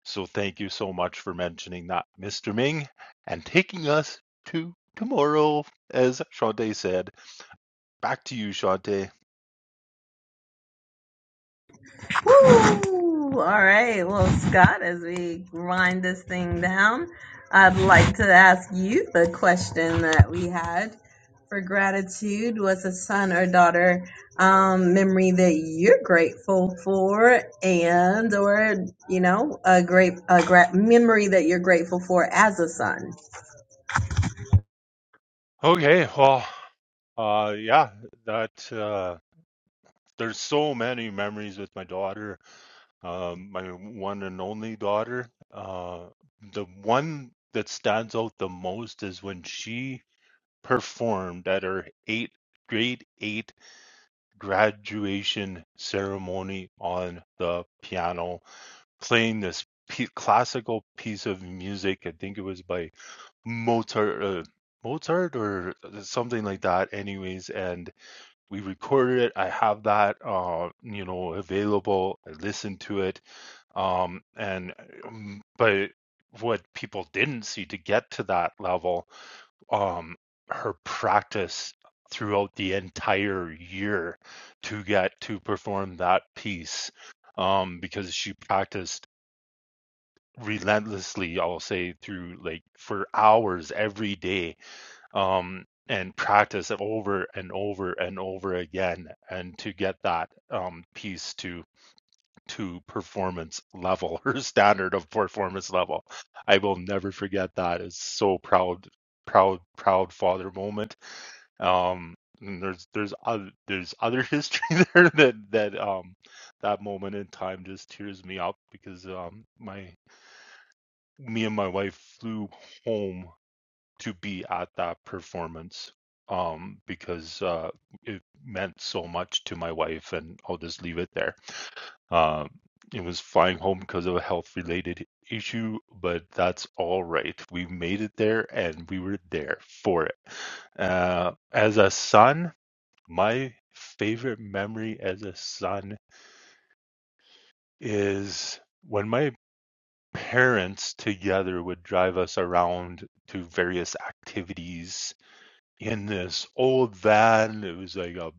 So thank you so much for mentioning that, Mr. Ming, and taking us to tomorrow, as Shante said. Back to you, Shante. Woo! All right. Well, Scott, as we grind this thing down, I'd like to ask you the question that we had for gratitude. What's a son or daughter um, memory that you're grateful for, and or you know a great a gra- memory that you're grateful for as a son? Okay, well, uh, yeah, that uh, there's so many memories with my daughter, um, my one and only daughter. Uh, the one that stands out the most is when she performed at her eight grade eight graduation ceremony on the piano, playing this p- classical piece of music. I think it was by Mozart, uh, Mozart or uh, something like that. Anyways, and we recorded it. I have that, uh, you know, available. I listened to it. Um, and um, but what people didn't see to get to that level um, her practice throughout the entire year to get to perform that piece um, because she practiced relentlessly, I'll say, through like for hours every day um, and practice it over and over and over again and to get that um, piece to to performance level her standard of performance level i will never forget that it's so proud proud proud father moment um, and there's there's other, there's other history there that that um that moment in time just tears me up because um my me and my wife flew home to be at that performance um because uh it meant so much to my wife and I'll just leave it there. Um it was flying home because of a health related issue, but that's all right. We made it there and we were there for it. Uh, as a son, my favorite memory as a son is when my parents together would drive us around to various activities in this old van. It was like a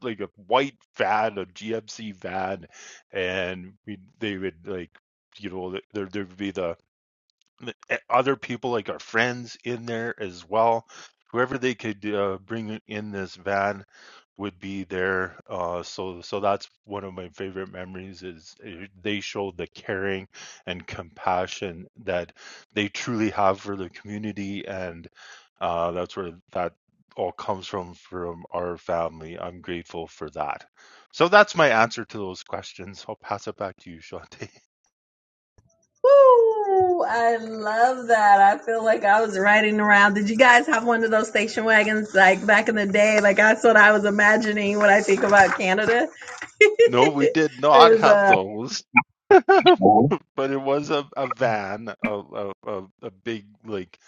like a white van, a GMC van, and we they would like you know th- there there'd be the e- other people like our friends in there as well. Whoever they could uh, bring in this van would be there. Uh, so so that's one of my favorite memories is uh, they showed the caring and compassion that they truly have for the community, and uh, that's where that all comes from from our family. I'm grateful for that. So that's my answer to those questions. I'll pass it back to you, Shante. Woo! I love that. I feel like I was riding around. Did you guys have one of those station wagons like back in the day? Like I thought I was imagining when I think about Canada. No, we did not Is have uh those. aw. But it was a, a van, a, a a big like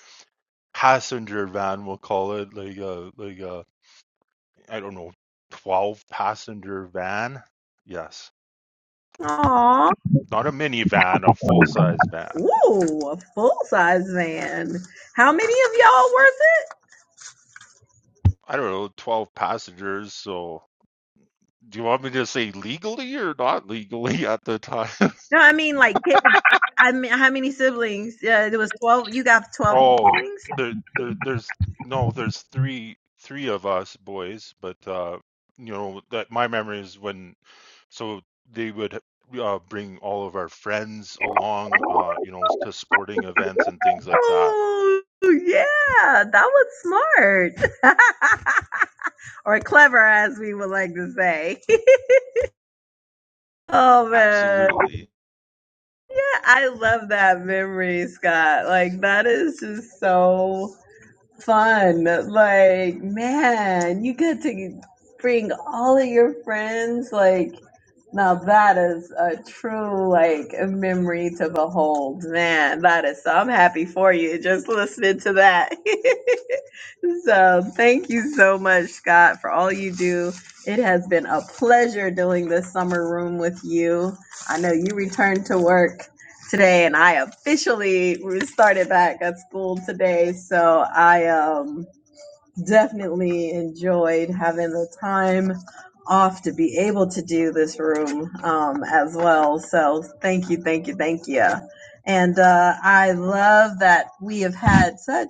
passenger van, we'll call it, like a like a I don't know, twelve passenger van. Yes, not a minivan, a full size van. Ooh, a full size van. How many of y'all worth it? I don't know, twelve passengers. So, do you want me to say legally or not legally at the time? No, I mean like kids. I mean, how many siblings? Yeah, it was twelve. You got twelve Oh, siblings. there, there, there's no, there's three, three of us boys, but uh, you know that my memory is when, so they would uh, bring all of our friends along, uh, you know, to sporting events and things like that. Oh yeah, that was smart. or clever as we would like to say. oh man. Absolutely. Yeah, I love that memory, Scott. Like that is just so fun. Like, man, you get to bring all of your friends. Like, now that is a true, like, a memory to behold. Man, that is so, I'm happy for you just listening to that. so, thank you so much, Scott, for all you do. It has been a pleasure doing this summer room with you. I know you returned to work today, and I officially started back at school today. So I um definitely enjoyed having the time off to be able to do this room um, as well. So thank you, thank you, thank you. And uh, I love that we have had such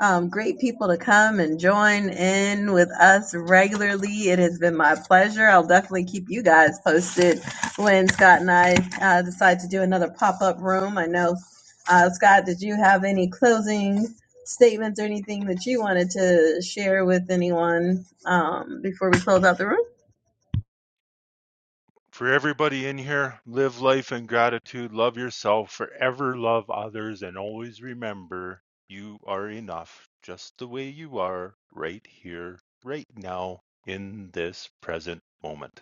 um, great people to come and join in with us regularly. It has been my pleasure. I'll definitely keep you guys posted when Scott and I uh, decide to do another pop up room. I know, uh, Scott, did you have any closing? statements or anything that you wanted to share with anyone um, before we close out the room? for everybody in here, live life in gratitude, love yourself, forever love others, and always remember you are enough just the way you are right here, right now, in this present moment.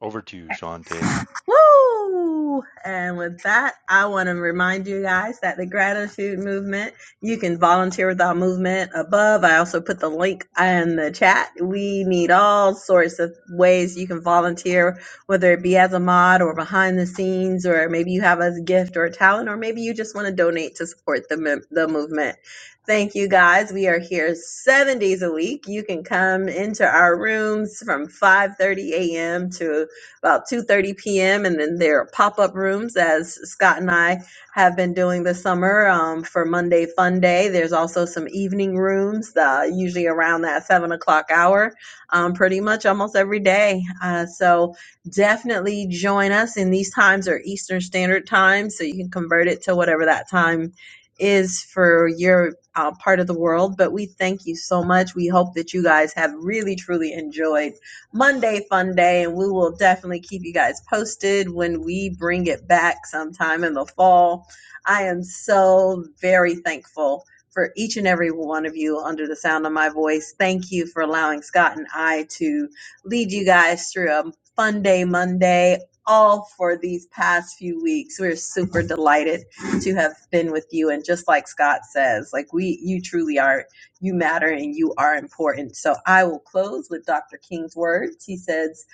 Over to you, Shante. Woo! And with that, I want to remind you guys that the gratitude movement, you can volunteer with our movement above. I also put the link in the chat. We need all sorts of ways you can volunteer, whether it be as a mod or behind the scenes, or maybe you have a gift or a talent, or maybe you just want to donate to support the, mem- the movement. Thank you guys. We are here seven days a week. You can come into our rooms from 5:30 a.m. to about 2.30 p.m. And then there are pop-up rooms, as Scott and I have been doing this summer um, for Monday Fun Day. There's also some evening rooms, uh, usually around that 7 o'clock hour, um, pretty much almost every day. Uh, so definitely join us. And these times are Eastern Standard Time, so you can convert it to whatever that time is for your uh, part of the world. But we thank you so much. We hope that you guys have really, truly enjoyed Monday fun day, and we will definitely keep you guys posted when we bring it back sometime in the fall. I am so very thankful for each and every one of you under the sound of my voice. Thank you for allowing Scott and I to lead you guys through a fun day Monday. All for these past few weeks. We're super delighted to have been with you. And just like Scott says, like we, you truly are you matter and you are important. So I will close with Dr. King's words. He says,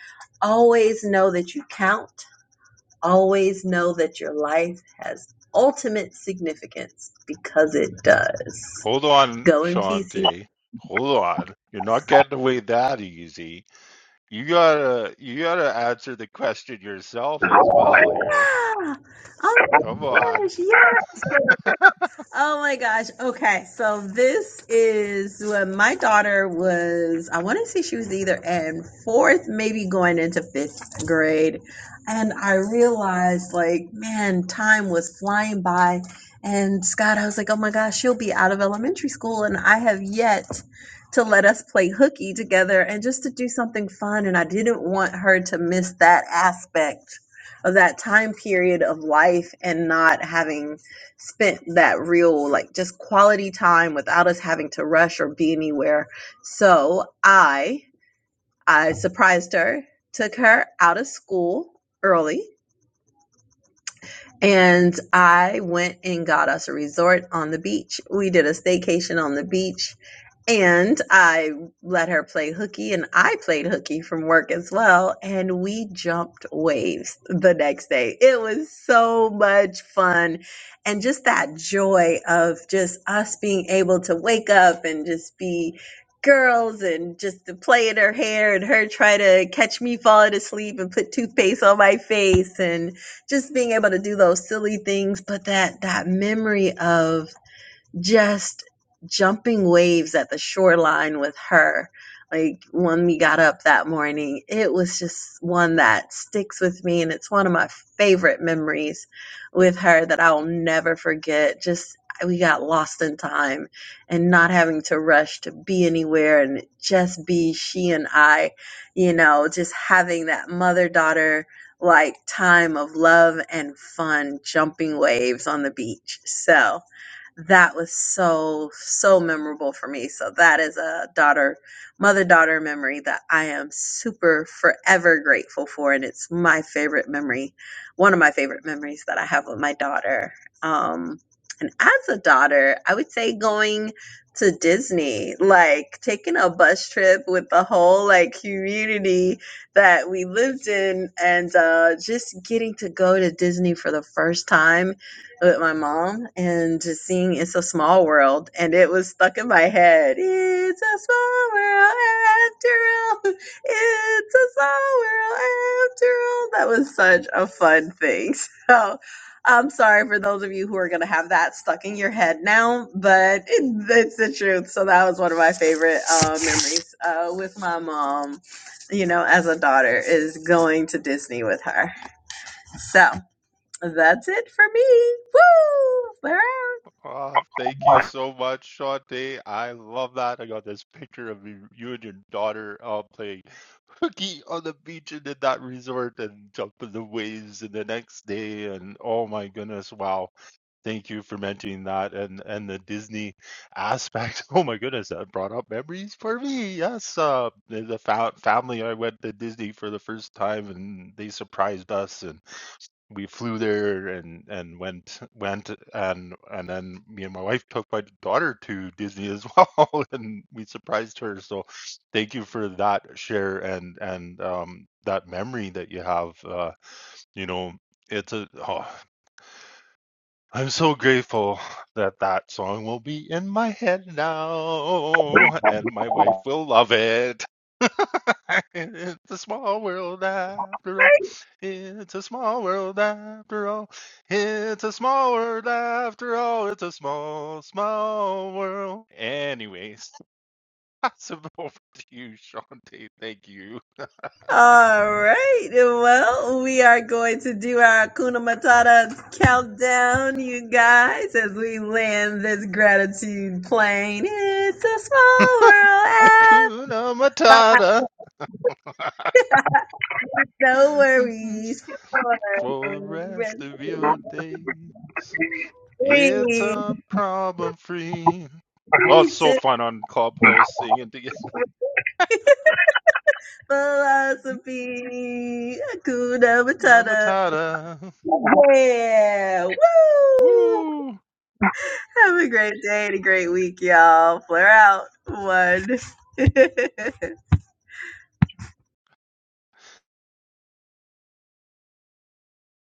Always know that you count, always know that your life has ultimate significance because it does. Hold on, Go in peace. He- Shante. Hold on. You're not getting away that easy. You gotta you gotta answer the question yourself as well here. Ah, oh my Come on. gosh, yes. Oh my gosh. Okay. So this is when my daughter was, I want to say she was either in fourth, maybe going into fifth grade. And I realized, like, man, time was flying by. And Scott, I was like, oh my gosh, she'll be out of elementary school. And I have yet to let us play hooky together and just to do something fun. And I didn't want her to miss that aspect of that time period of life and not having spent that real like just quality time without us having to rush or be anywhere so i i surprised her took her out of school early and I went and got us a resort on the beach. We did a staycation on the beach. And I let her play hooky, and I played hooky from work as well. And we jumped waves the next day. It was so much fun. And just that joy of just us being able to wake up and just be girls and just to play in her hair and her try to catch me falling asleep and put toothpaste on my face. and just being able to do those silly things but that that memory of just jumping waves at the shoreline with her. Like when we got up that morning, it was just one that sticks with me. And it's one of my favorite memories with her that I'll never forget. Just we got lost in time and not having to rush to be anywhere and just be she and I, you know, just having that mother daughter like time of love and fun jumping waves on the beach. So, that was so so memorable for me so that is a daughter mother daughter memory that i am super forever grateful for and it's my favorite memory one of my favorite memories that i have with my daughter um and as a daughter i would say going to disney like taking a bus trip with the whole like community that we lived in and uh just getting to go to disney for the first time with my mom and just seeing It's a Small World, and it was stuck in my head. It's a small world after all. It's a small world after all. That was such a fun thing. So I'm sorry for those of you who are going to have that stuck in your head now, but it, it's the truth. So that was one of my favorite uh, memories uh, with my mom, you know, as a daughter, is going to Disney with her. So. That's it for me. Woo! We're Oh, thank you so much, Shante. I love that. I got this picture of you, you and your daughter uh, playing hooky on the beach and in that resort and jumping the waves and the next day. And oh my goodness, wow. Thank you for mentioning that and, and the Disney aspect. Oh my goodness, that brought up memories for me. Yes, uh, the fa family, I went to Disney for the first time and they surprised us. and we flew there and and went went and and then me and my wife took my daughter to Disney as well and we surprised her so thank you for that share and and um that memory that you have uh you know it's a oh, I'm so grateful that that song will be in my head now and my wife will love it it's a small world after all. It's a small world after all. It's a small world after all. It's a small, small world. Anyways, that's over to you, Shantae. Thank you. All right. Well, we are going to do our Kuna Matata countdown, you guys, as we land this gratitude plane. It's a small world app, Akuna but Matata no worries. for the rest of your days. It's Three, a problem free. Oh, three, it's so two, fun on Clubhouse singing together. philosophy, Kuna Hakuna Matata. Matata. Yeah. Woo! Woo Have a great day and a great week, y'all. Flare out. One.